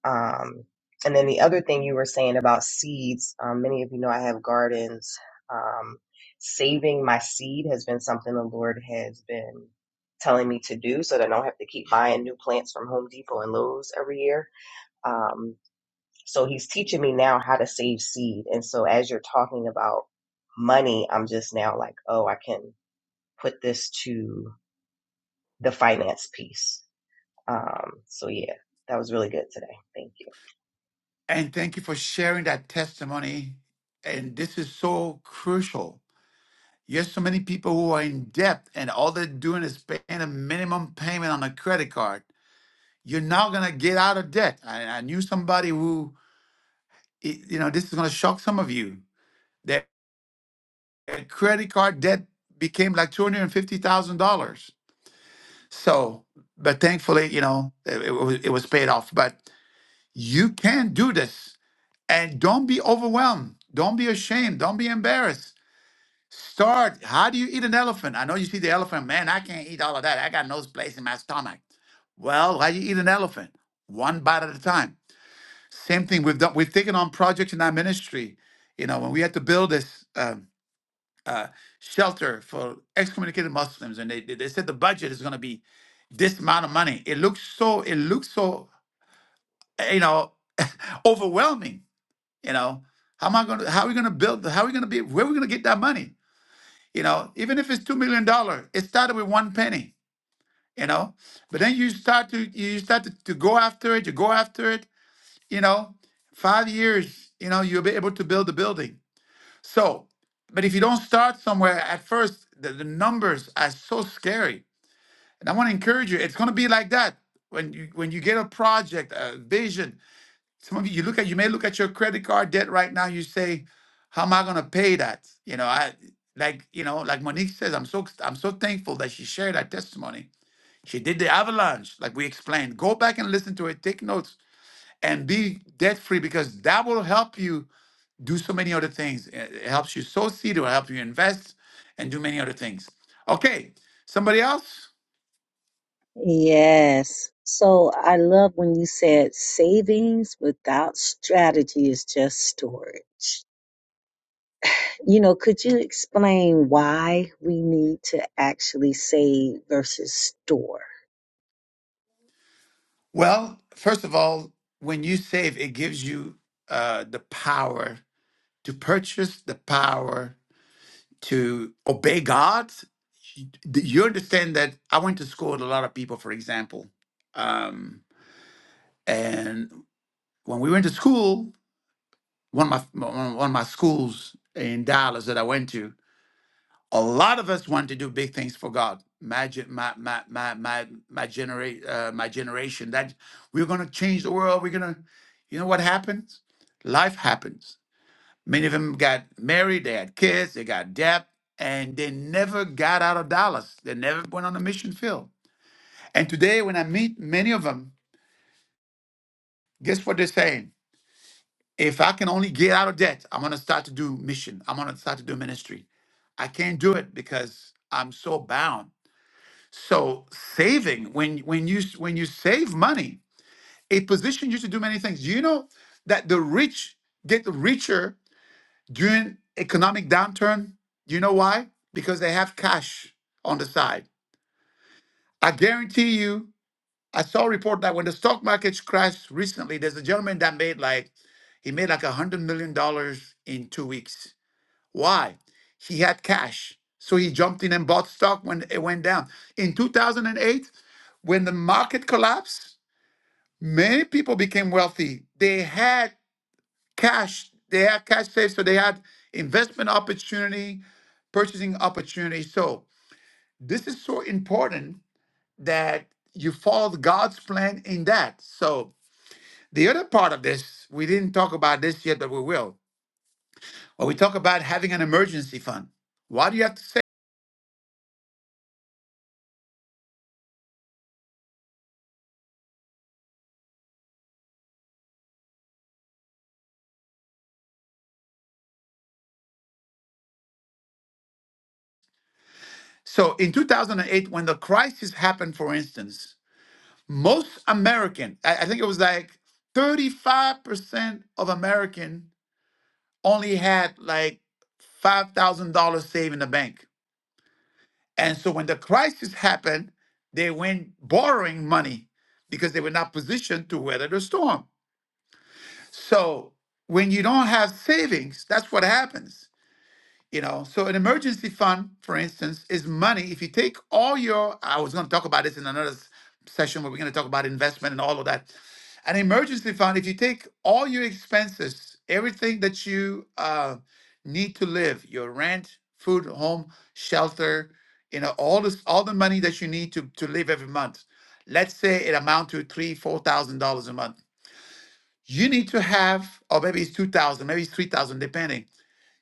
[SPEAKER 12] Um, and then the other thing you were saying about seeds, um, many of you know I have gardens. Um, saving my seed has been something the Lord has been telling me to do so that I don't have to keep buying new plants from Home Depot and Lowe's every year Um. So he's teaching me now how to save seed. And so as you're talking about money, I'm just now like, oh, I can put this to the finance piece. Um, so yeah, that was really good today. Thank you.
[SPEAKER 1] And thank you for sharing that testimony. And this is so crucial. Yes, so many people who are in debt and all they're doing is paying a minimum payment on a credit card You're now going to get out of debt. I, I knew somebody who, i- you know, this is going to shock some of you. Their credit card debt became like $250,000. So, but thankfully, you know, it, it, was, it was paid off. But you can do this. And don't be overwhelmed. Don't be ashamed. Don't be embarrassed. Start. How do you eat an elephant? I know you see the elephant, man, I can't eat all of that. I got no place in my stomach. Well, how you eat an elephant? One bite at a time. Same thing we've done. We've taken on projects in our ministry. You know, when we had to build this um, uh, shelter for excommunicated Muslims, and they they said the budget is going to be this amount of money. It looks so. It looks so. uh, You know, overwhelming. You know, how am I going to? How are we going to build? How are we going to be? Where are we going to get that money? You know, even if it's two million dollar, it started with one penny. You know, but then you start to you start to, to go after it. You go after it. You know, five years. You know, you'll be able to build the building So, but if you don't start somewhere at first, the, the numbers are so scary. And I want to encourage you. It's going to be like that when you when you get a project, a vision. Some of you, you look at you may look at your credit card debt right now. You say, "How am I going to pay that?" You know, I like you know, like Monique says, I'm so I'm so thankful that she shared that testimony. She did the avalanche, like we explained. Go back and listen to it. Take notes and be debt free because that will help you do so many other things. It helps you sow seed, it will help you invest and do many other things. Okay, somebody else?
[SPEAKER 4] Yes. So I love when you said savings without strategy is just storage. You know, could you explain why we need to actually save versus store?
[SPEAKER 1] Well, first of all, when you save, it gives you uh, the power to purchase, the power to obey God. You you understand that I went to school with a lot of people, for example. Um, and when we went to school, one of my one of my schools in Dallas that I went to, a lot of us want to do big things for God. My gen- my my my my my generate uh, my generation that we're gonna change the world. We're gonna, you know what happens? Life happens. Many of them got married, they had kids, they got debt, and they never got out of Dallas. They never went on a mission field. And today, when I meet many of them, guess what they're saying? If I can only get out of debt, I'm gonna start to do mission. I'm gonna start to do ministry. I can't do it because I'm so bound. So saving, when when you when you save money, it positions you to do many things. Do you know that the rich get richer during economic downturn? Do you know why? Because they have cash on the side. I guarantee you, I saw a report that when the stock market crashed recently, there's a gentleman that made like he made like a hundred million dollars in two weeks why? He had cash. So he jumped in and bought stock when it went down. In 2008, when the market collapsed, many people became wealthy. They had cash, they had cash saved, so they had investment opportunity, purchasing opportunity. So this is so important that you follow God's plan in that. So the other part of this, we didn't talk about this yet, but we will. Well, we talk about having an emergency fund. Why do you have to? So in 2008, when the crisis happened, for instance, most American, I, I think it was like 35% of American only had like $5,000 saved in the bank. And so when the crisis happened, they went borrowing money because they were not positioned to weather the storm. So when you don't have savings, that's what happens. You know, so an emergency fund, for instance, is money. If you take all your, I was going to talk about this in another s- session where we're going to talk about investment and all of that. An emergency fund, if you take all your expenses, everything that you uh, need to live, your rent, food, home, shelter, you know, all this, all the money that you need to to live every month. Let's say it amount to three, four thousand dollars a month. You need to have, or maybe it's two thousand, maybe it's three thousand, depending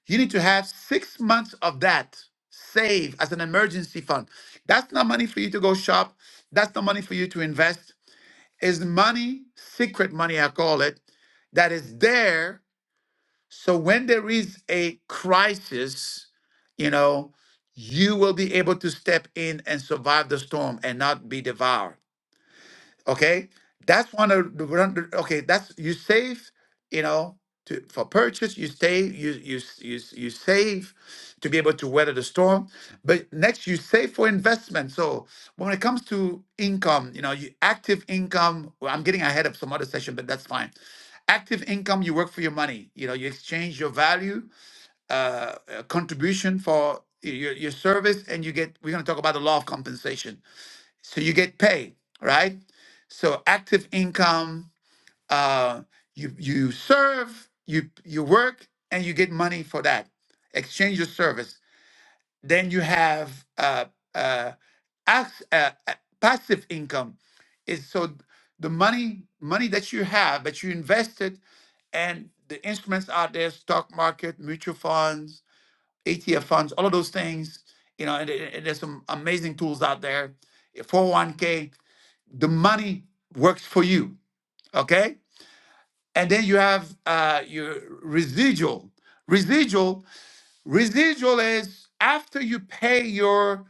[SPEAKER 1] you need to have six months of that saved as an emergency fund. That's not money for you to go shop. That's not money for you to invest. It's money, secret money, I call it, that is there. So when there is a crisis, you know, you will be able to step in and survive the storm and not be devoured. Okay, that's one of the one of the- okay. That's you save, you know, to for purchase. You save, you you s- you s- you save to be able to weather the storm. But next, you save for investment. So when it comes to income, you know, you active income. Well, I'm getting ahead of some other session, but that's fine. Active income, you work for your money. You know, you exchange your value, uh, uh, contribution for y- your, your service, and you get. We're going to talk about the law of compensation so you get paid, right? So active income, uh, you you serve, you you work, and you get money for that. Exchange your service. Then you have uh, uh, act- uh, uh, passive income. Is so the money money that you have that you invested, and the instruments out there, stock market, mutual funds, ETF funds, all of those things. You know, and and there's some amazing tools out there. 401k the money works for you okay and then you have uh, your residual residual residual is after you pay your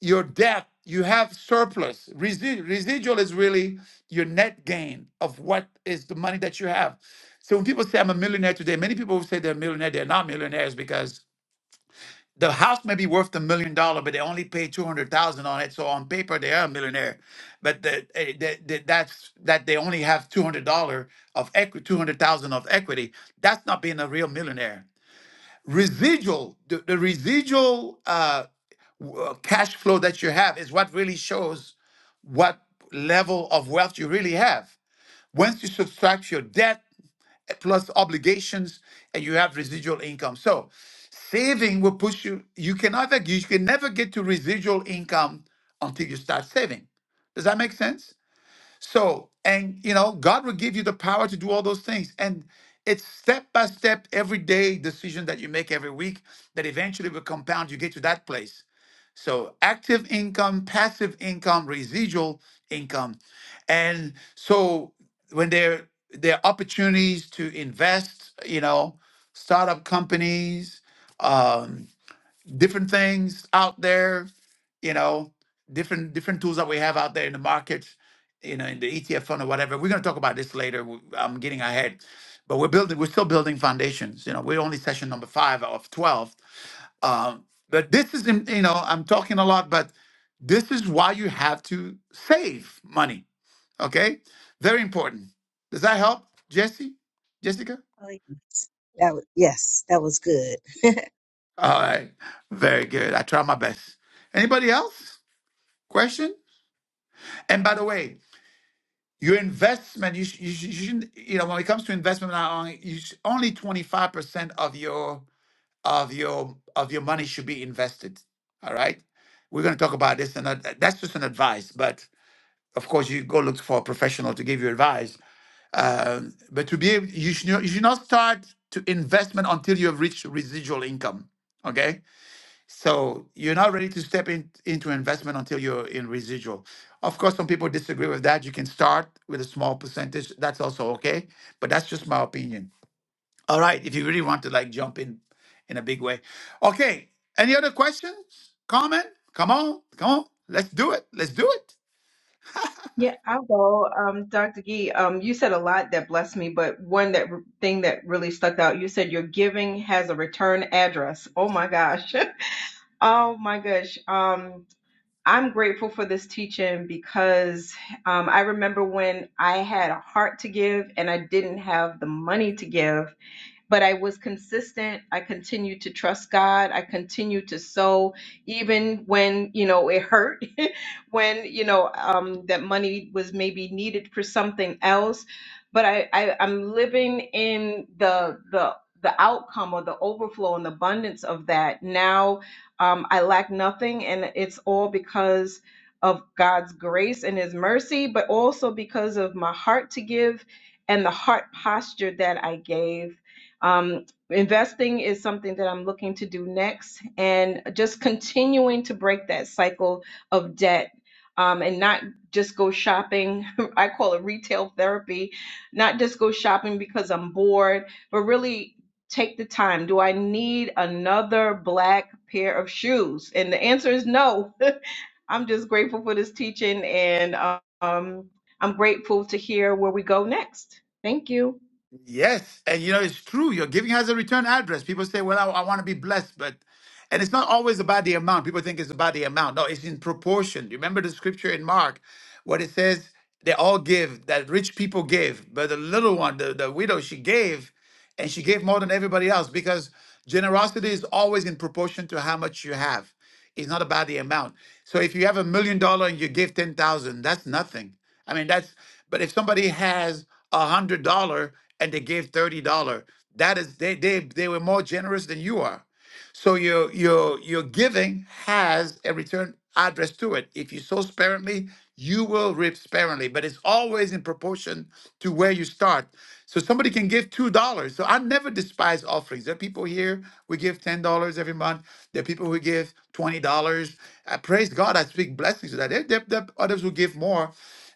[SPEAKER 1] your debt you have surplus Resi- residual is really your net gain of what is the money that you have so when people say i'm a millionaire today many people who say they're a millionaire they're not millionaires because. The house may be worth a million dollar, but they only pay two hundred thousand on it. So on paper, they are a millionaire, but the, eh, the, the, that's that they only have two hundred dollar of equity, two hundred thousand of equity. That's not being a real millionaire. Residual, the, the residual uh, w- uh, cash flow that you have is what really shows what level of wealth you really have. Once you subtract your debt plus obligations and you have residual income. So saving will push you, you can never, you can never get to residual income until you start saving. Does that make sense? So, and you know, God will give you the power to do all those things. And it's step by step, everyday decision that you make every week that eventually will compound. You get to that place. So, active income, passive income, residual income. And so, when there, there are opportunities to invest, you know, startup companies, um, different things out there, you know, different different tools that we have out there in the markets, you know, in the ETF fund or whatever. We're going to talk about this later. i I'm getting ahead, but we're building. We're still building foundations. You know, we're only session number five of twelve. Um, but this is, im- you know, I'm talking a lot, but this is why you have to save money. Okay, very important. Does that help, Jesse? Jessica?
[SPEAKER 4] Oh, yeah. that was, yes, that was good.
[SPEAKER 1] All right, very good. I try my best. Anybody else? Question? And by the way, your investment, you, sh- you, sh- you shouldn't, you know, when it comes to investment, not only, you sh- only 25% of your, of your, of your money should be invested. All right. We're going to talk about this. And that's just an advice, but of course you go look for a professional to give you advice. Um, but to be able, you should, not- you should not start to investment until you have reached residual income. Okay so you're not ready to step in, into investment until you're in residual. Of course, some people disagree with that. You can start with a small percentage. That's also okay. But that's just my opinion. All right. If you really want to like jump in in a big way. Okay. Any other questions? Comment? Come on. Come on. Let's do it. Let's do it.
[SPEAKER 8] Yeah, I'll go. Um, Dr. Gee, um, you said a lot that blessed me, but one that thing that really stuck out, you said your giving has a return address. Oh my gosh. oh my gosh. Um, I'm grateful for this teaching because um, I remember when I had a heart to give and I didn't have the money to give. but I was consistent. I continued to trust God. I continued to sow, even when you know it hurt, when you know um, that money was maybe needed for something else. But I, I I'm living in the the the outcome or the overflow and the abundance of that. Now um, I lack nothing, and it's all because of God's grace and His mercy, but also because of my heart to give and the heart posture that I gave um, investing is something that I'm looking to do next, and just continuing to break that cycle of debt. Um, and not just go shopping. I call it retail therapy. Not just go shopping because I'm bored, but really take the time. Do I need another black pair of shoes? And the answer is no. I'm just grateful for this teaching, and um, I'm grateful to hear where we go next. Thank you.
[SPEAKER 1] Yes, and you know it's true. Your giving has a return address. People say, "Well, I, I want to be blessed," but and it's not always about the amount. People think it's about the amount. No, it's in proportion. You remember the scripture in Mark, what it says: "They all give that rich people give, but the little one, the, the widow, she gave." and she gave more than everybody else because generosity is always in proportion to how much you have. It's not about the amount. So if you have a million dollar and you give ten thousand, that's nothing. I mean, that's. But if somebody has a hundred dollar and they gave thirty dollar, that is they they they were more generous than you are. So your your your giving has a return address to it. If you sow sparingly, you will reap sparingly, but it's always in proportion to where you start. So somebody can give two dollars. So I never despise offerings. There are people here who give ten dollars every month. There are people who give twenty dollars. I praise God. I speak blessings to that. There, there, there are others who give more.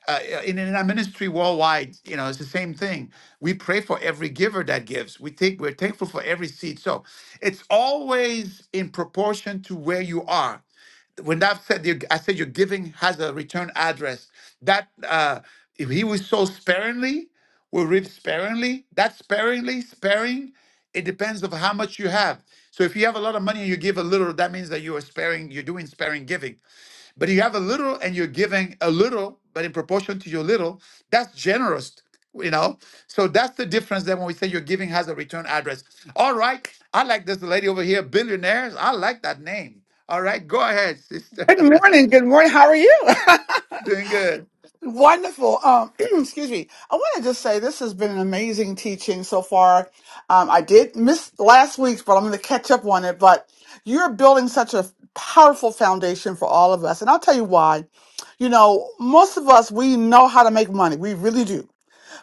[SPEAKER 1] Uh, in, in our ministry worldwide, you know, it's the same thing. We pray for every giver that gives. We think we're thankful for every seed. So it's always in proportion to where you are when I've said you- I said your giving has a return address. That uh, if he was so sparingly, will reap sparingly. That sparingly, sparing, it depends of how much you have. So if you have a lot of money and you give a little, that means that you are sparing. You're doing sparing giving. But you have a little and you're giving a little, but in proportion to your little, that's generous, you know? So that's the difference that when we say your giving has a return address. All right. I like this lady over here, billionaires. I like that name. All right. Go ahead, sister.
[SPEAKER 13] Good morning. Good morning. How are you?
[SPEAKER 1] Doing good.
[SPEAKER 13] Wonderful. Um, excuse me. I want to just say this has been an amazing teaching so far. Um, I did miss last week's, but I'm going to catch up on it. But you're building such a powerful foundation for all of us. And I'll tell you why. You know, most of us, we know how to make money. We really do.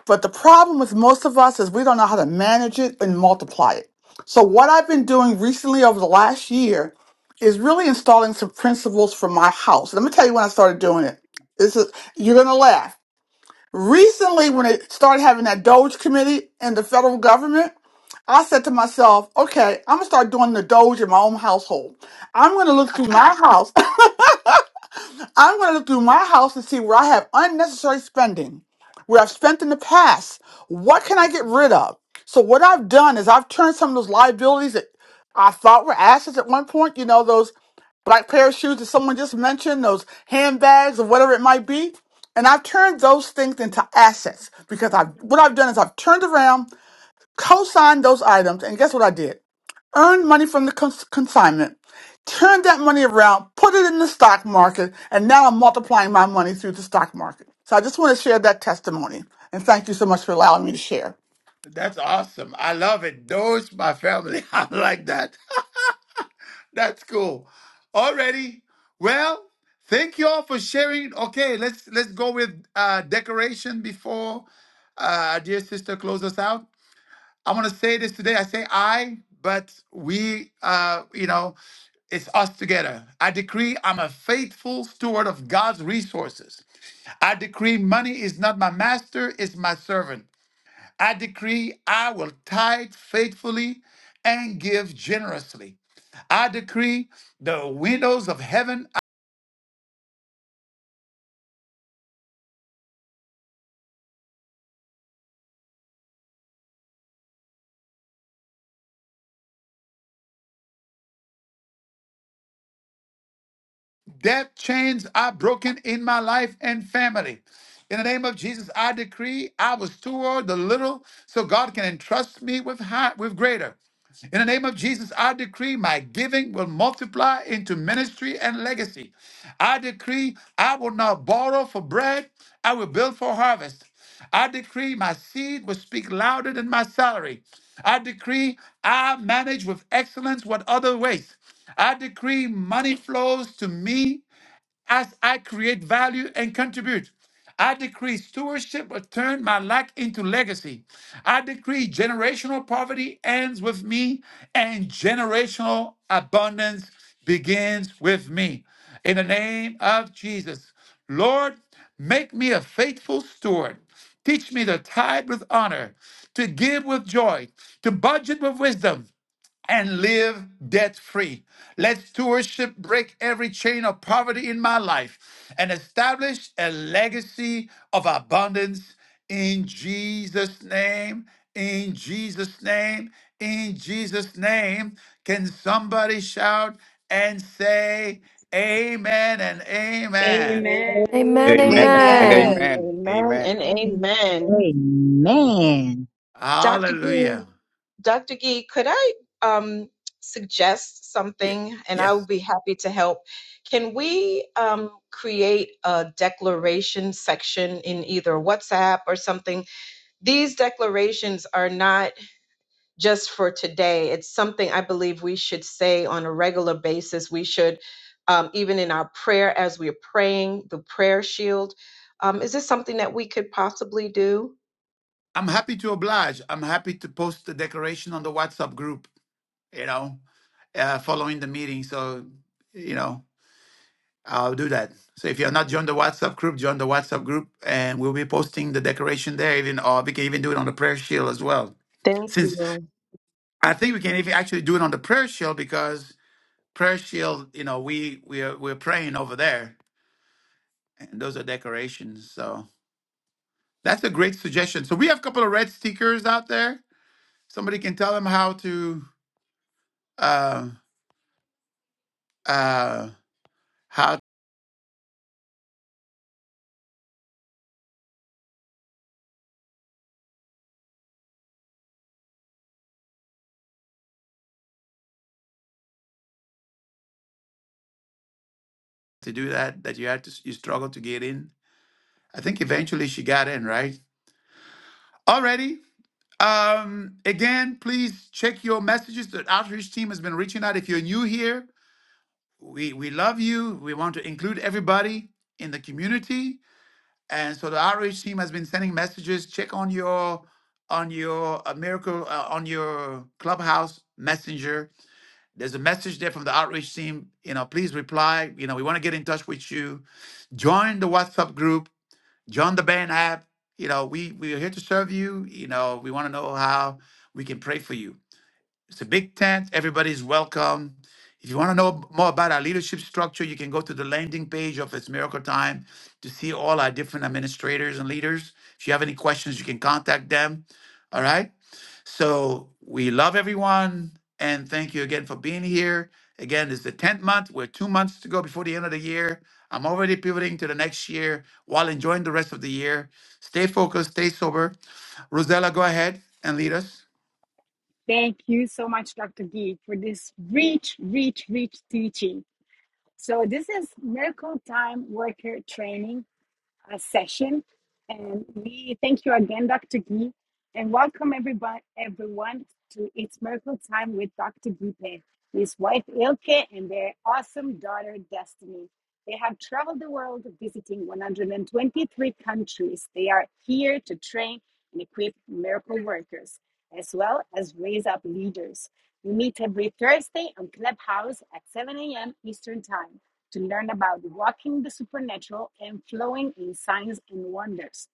[SPEAKER 13] But the problem with most of us is we don't know how to manage it and multiply it. So, what I've been doing recently over the last year is really installing some principles for my house. Let me tell you when I started doing it. This is you're gonna laugh. Recently, when it started having that Doge committee in the federal government, I said to myself, okay, I'm gonna start doing the Doge in my own household. I'm gonna look through my house I'm going to look through my house and see where I have unnecessary spending, where I've spent in the past. What can I get rid of? So what I've done is I've turned some of those liabilities that I thought were assets at one point. You know those black pair of shoes that someone just mentioned, those handbags or whatever it might be. And I've turned those things into assets because I've what I've done is I've turned around co-signed those items, and guess what I did? Earned money from the cons- consignment, turned that money around, put it in the stock market, and now I'm multiplying my money through the stock market. So I just want to share that testimony, and thank you so much for allowing me to share.
[SPEAKER 1] That's awesome. I love it. Those my family. I like that. That's cool. Alrighty. Well, thank you all for sharing. Okay, let's let's go with uh decoration before uh dear sister close us out. I want to say this today. I say I, but we, uh, you know, it's us together. I decree I'm a faithful steward of God's resources. I decree money is not my master, it's my servant. I decree I will tithe faithfully and give generously. I decree the windows of heaven Death chains are broken in my life and family. In the name of Jesus, I decree I was toward the little so God can entrust me with high, with greater. In the name of Jesus, I decree my giving will multiply into ministry and legacy. I decree I will not borrow for bread, I will build for harvest. I decree my seed will speak louder than my salary. I decree I manage with excellence what other waste. I decree money flows to me as I create value and contribute. I decree stewardship will turn my lack into legacy. I decree generational poverty ends with me and generational abundance begins with me. In the name of Jesus, Lord, make me a faithful steward. Teach me to tithe with honor, to give with joy, to budget with wisdom, and live debt free. Let stewardship break every chain of poverty in my life and establish a legacy of abundance in Jesus' name. In Jesus' name. In Jesus' name. Can somebody shout and say, Amen and Amen?
[SPEAKER 10] Amen.
[SPEAKER 14] Amen,
[SPEAKER 9] Amen
[SPEAKER 8] Amen,
[SPEAKER 9] and
[SPEAKER 14] amen.
[SPEAKER 15] Amen.
[SPEAKER 9] amen.
[SPEAKER 8] amen,
[SPEAKER 9] Amen.
[SPEAKER 8] and
[SPEAKER 4] Amen.
[SPEAKER 8] amen.
[SPEAKER 4] Amen.
[SPEAKER 8] Dr. Gee,
[SPEAKER 1] Hallelujah.
[SPEAKER 8] Dr. Gee, could I um, suggest
[SPEAKER 1] Yeah.
[SPEAKER 8] something? And I would
[SPEAKER 1] Yes.
[SPEAKER 8] be happy to help. Can we um, create a declaration section in either WhatsApp or something? These declarations are not just for today. It's something I believe we should say on a regular basis. We should, um, even in our prayer as we're praying, the prayer shield. Um, is this something that we could possibly do?
[SPEAKER 1] I'm happy to oblige. I'm happy to post the declaration on the WhatsApp group. you know, uh, following the meeting. So, you know, I'll do that. So if you're not joined the WhatsApp group, join the WhatsApp group, and we'll be posting the decoration there. Even or we can even do it on the prayer shield as well.
[SPEAKER 8] Thank
[SPEAKER 1] Since
[SPEAKER 8] you.
[SPEAKER 1] I think we can even actually do it on the prayer shield because prayer shield, you know, we we are we're praying over there, and those are decorations. So that's a great suggestion. So we have a couple of red stickers out there. Somebody can tell them how to. Uh, uh, how to do that that you had to you struggled to get in i think eventually she got in right already um again please check your messages the outreach team has been reaching out if you're new here we we love you we want to include everybody in the community and so the outreach team has been sending messages check on your on your uh, miracle uh, on your clubhouse messenger there's a message there from the outreach team you know please reply you know we want to get in touch with you join the whatsapp group join the band app. You know, we we are here to serve you. You know, we want to know how we can pray for you. It's a big tent. Everybody's welcome. If you want to know more about our leadership structure, you can go to the landing page of It's Miracle Time to see all our different administrators and leaders. If you have any questions, you can contact them. All right. So we love everyone and thank you again for being here. Again, it's the 10th month. We're two months to go before the end of the year. I'm already pivoting to the next year while enjoying the rest of the year. Stay focused, stay sober. Rosella, go ahead and lead us.
[SPEAKER 10] Thank you so much, Dr. Gee, for this rich, rich, rich teaching. So, this is miracle time worker training uh, session. And we thank you again, Dr. Gee, and welcome everybody, everyone to It's Miracle Time with Dr. Gee Pen, his wife Ilke, and their awesome daughter Destiny. They have traveled the world visiting 123 countries. They are here to train and equip miracle workers as well as raise up leaders. We meet every Thursday on Clubhouse at 7 a.m. Eastern Time to learn about walking the supernatural and flowing in signs and wonders.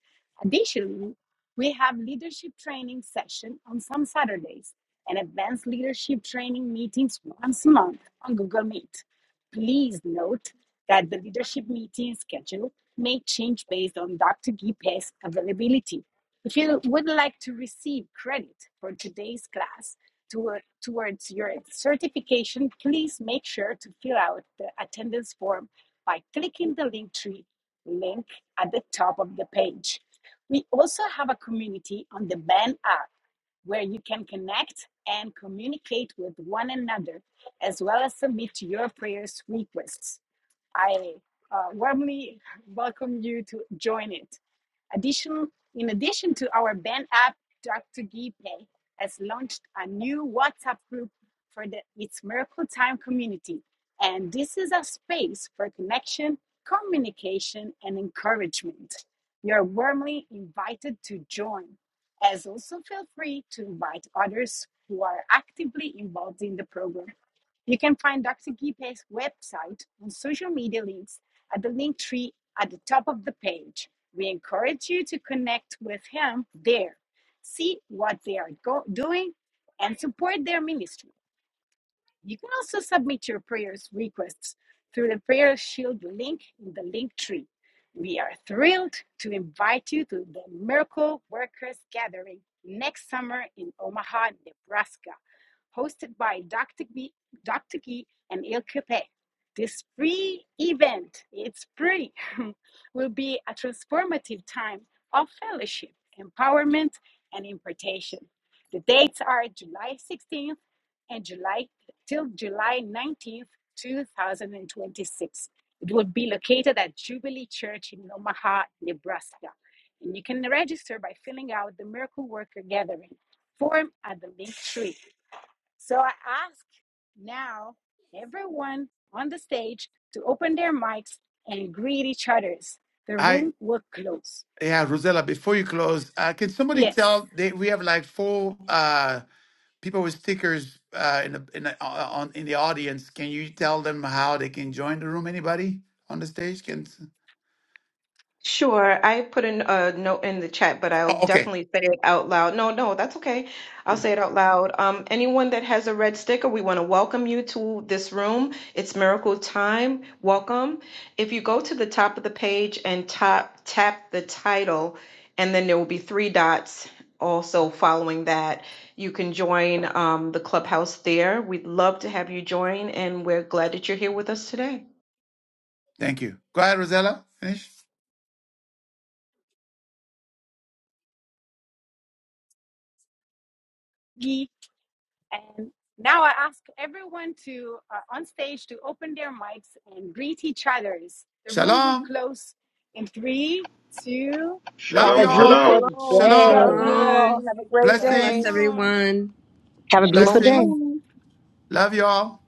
[SPEAKER 10] Additionally, we have leadership training session on some Saturdays and advanced leadership training meetings once a month on Google Meet. Please note that the leadership meeting schedule may change based on Dr. Gipe's availability. If you would like to receive credit for today's class, toward, towards your certification, please make sure to fill out the attendance form by clicking the Linktree link at the top of the page. We also have a community on the Band app where you can connect and communicate with one another as well as submit your prayers requests. I uh, warmly welcome you to join it. Addition, in addition to our band app, Dr. Gipe has launched a new WhatsApp group for the It's Miracle Time community. And this is a space for connection, communication, and encouragement. You're warmly invited to join. As also, feel free to invite others who are actively involved in the program. You can find Dr. Gipe's website and social media links at the link tree at the top of the page. We encourage you to connect with him there, see what they are go- doing, and support their ministry. You can also submit your prayers requests through the Prayer Shield link in the link tree. We are thrilled to invite you to the Miracle Workers Gathering next summer in Omaha, Nebraska, hosted by Dr. B, Dr. Gee and Il Capet. This free event, it's free, will be a transformative time of fellowship, empowerment, and impartation. The dates are July 16th and July till July 19th, 2026. It will be located at Jubilee Church in Omaha, Nebraska. And you can register by filling out the Miracle Worker Gathering form at the link tree. So I ask now everyone on the stage to open their mics and greet each other. The
[SPEAKER 1] Hi.
[SPEAKER 10] room will close.
[SPEAKER 1] Yeah, Rosella, before you close, uh, can somebody
[SPEAKER 10] Yes.
[SPEAKER 1] tell they, we have like four uh, people with stickers uh, in the in the, uh, uh, on in the audience. Can you tell them how they can join the room? Anybody on the stage can?
[SPEAKER 8] Sure, I put in a note in the chat, but I'll
[SPEAKER 1] Oh, okay.
[SPEAKER 8] definitely say it out loud. No, no, that's okay. I'll
[SPEAKER 1] Yeah,
[SPEAKER 8] say it out loud. Um, anyone that has a red sticker, we want to welcome you to this room. It's miracle time. Welcome. If you go to the top of the page and top tap the title, and then there will be three dots. Also, following that, you can join um, the clubhouse there. We'd love to have you join, and we're glad that you're here with us today.
[SPEAKER 1] Thank you. Go ahead, Rosella. Finish.
[SPEAKER 10] And now I ask everyone to uh, on stage to open their mics and greet each other. The room will
[SPEAKER 1] Shalom.
[SPEAKER 10] close in three, two,
[SPEAKER 1] Love
[SPEAKER 4] Have a
[SPEAKER 9] Shalom,
[SPEAKER 8] Shalom,
[SPEAKER 1] y'all.
[SPEAKER 9] shalom.
[SPEAKER 10] one.
[SPEAKER 4] beautiful
[SPEAKER 8] shalom.
[SPEAKER 1] Shalom.
[SPEAKER 8] Love
[SPEAKER 4] day.
[SPEAKER 8] you
[SPEAKER 3] Bye.
[SPEAKER 10] Shalom,
[SPEAKER 8] all.
[SPEAKER 15] Shalom.
[SPEAKER 8] Have a great
[SPEAKER 15] God
[SPEAKER 10] shalom,
[SPEAKER 8] day.
[SPEAKER 15] bless
[SPEAKER 1] Blessings.
[SPEAKER 10] shalom.
[SPEAKER 15] everyone.
[SPEAKER 4] Have a beautiful
[SPEAKER 8] Shalom,
[SPEAKER 4] day.
[SPEAKER 10] Blessings.
[SPEAKER 1] Blessing.
[SPEAKER 8] shalom.
[SPEAKER 1] Love y'all.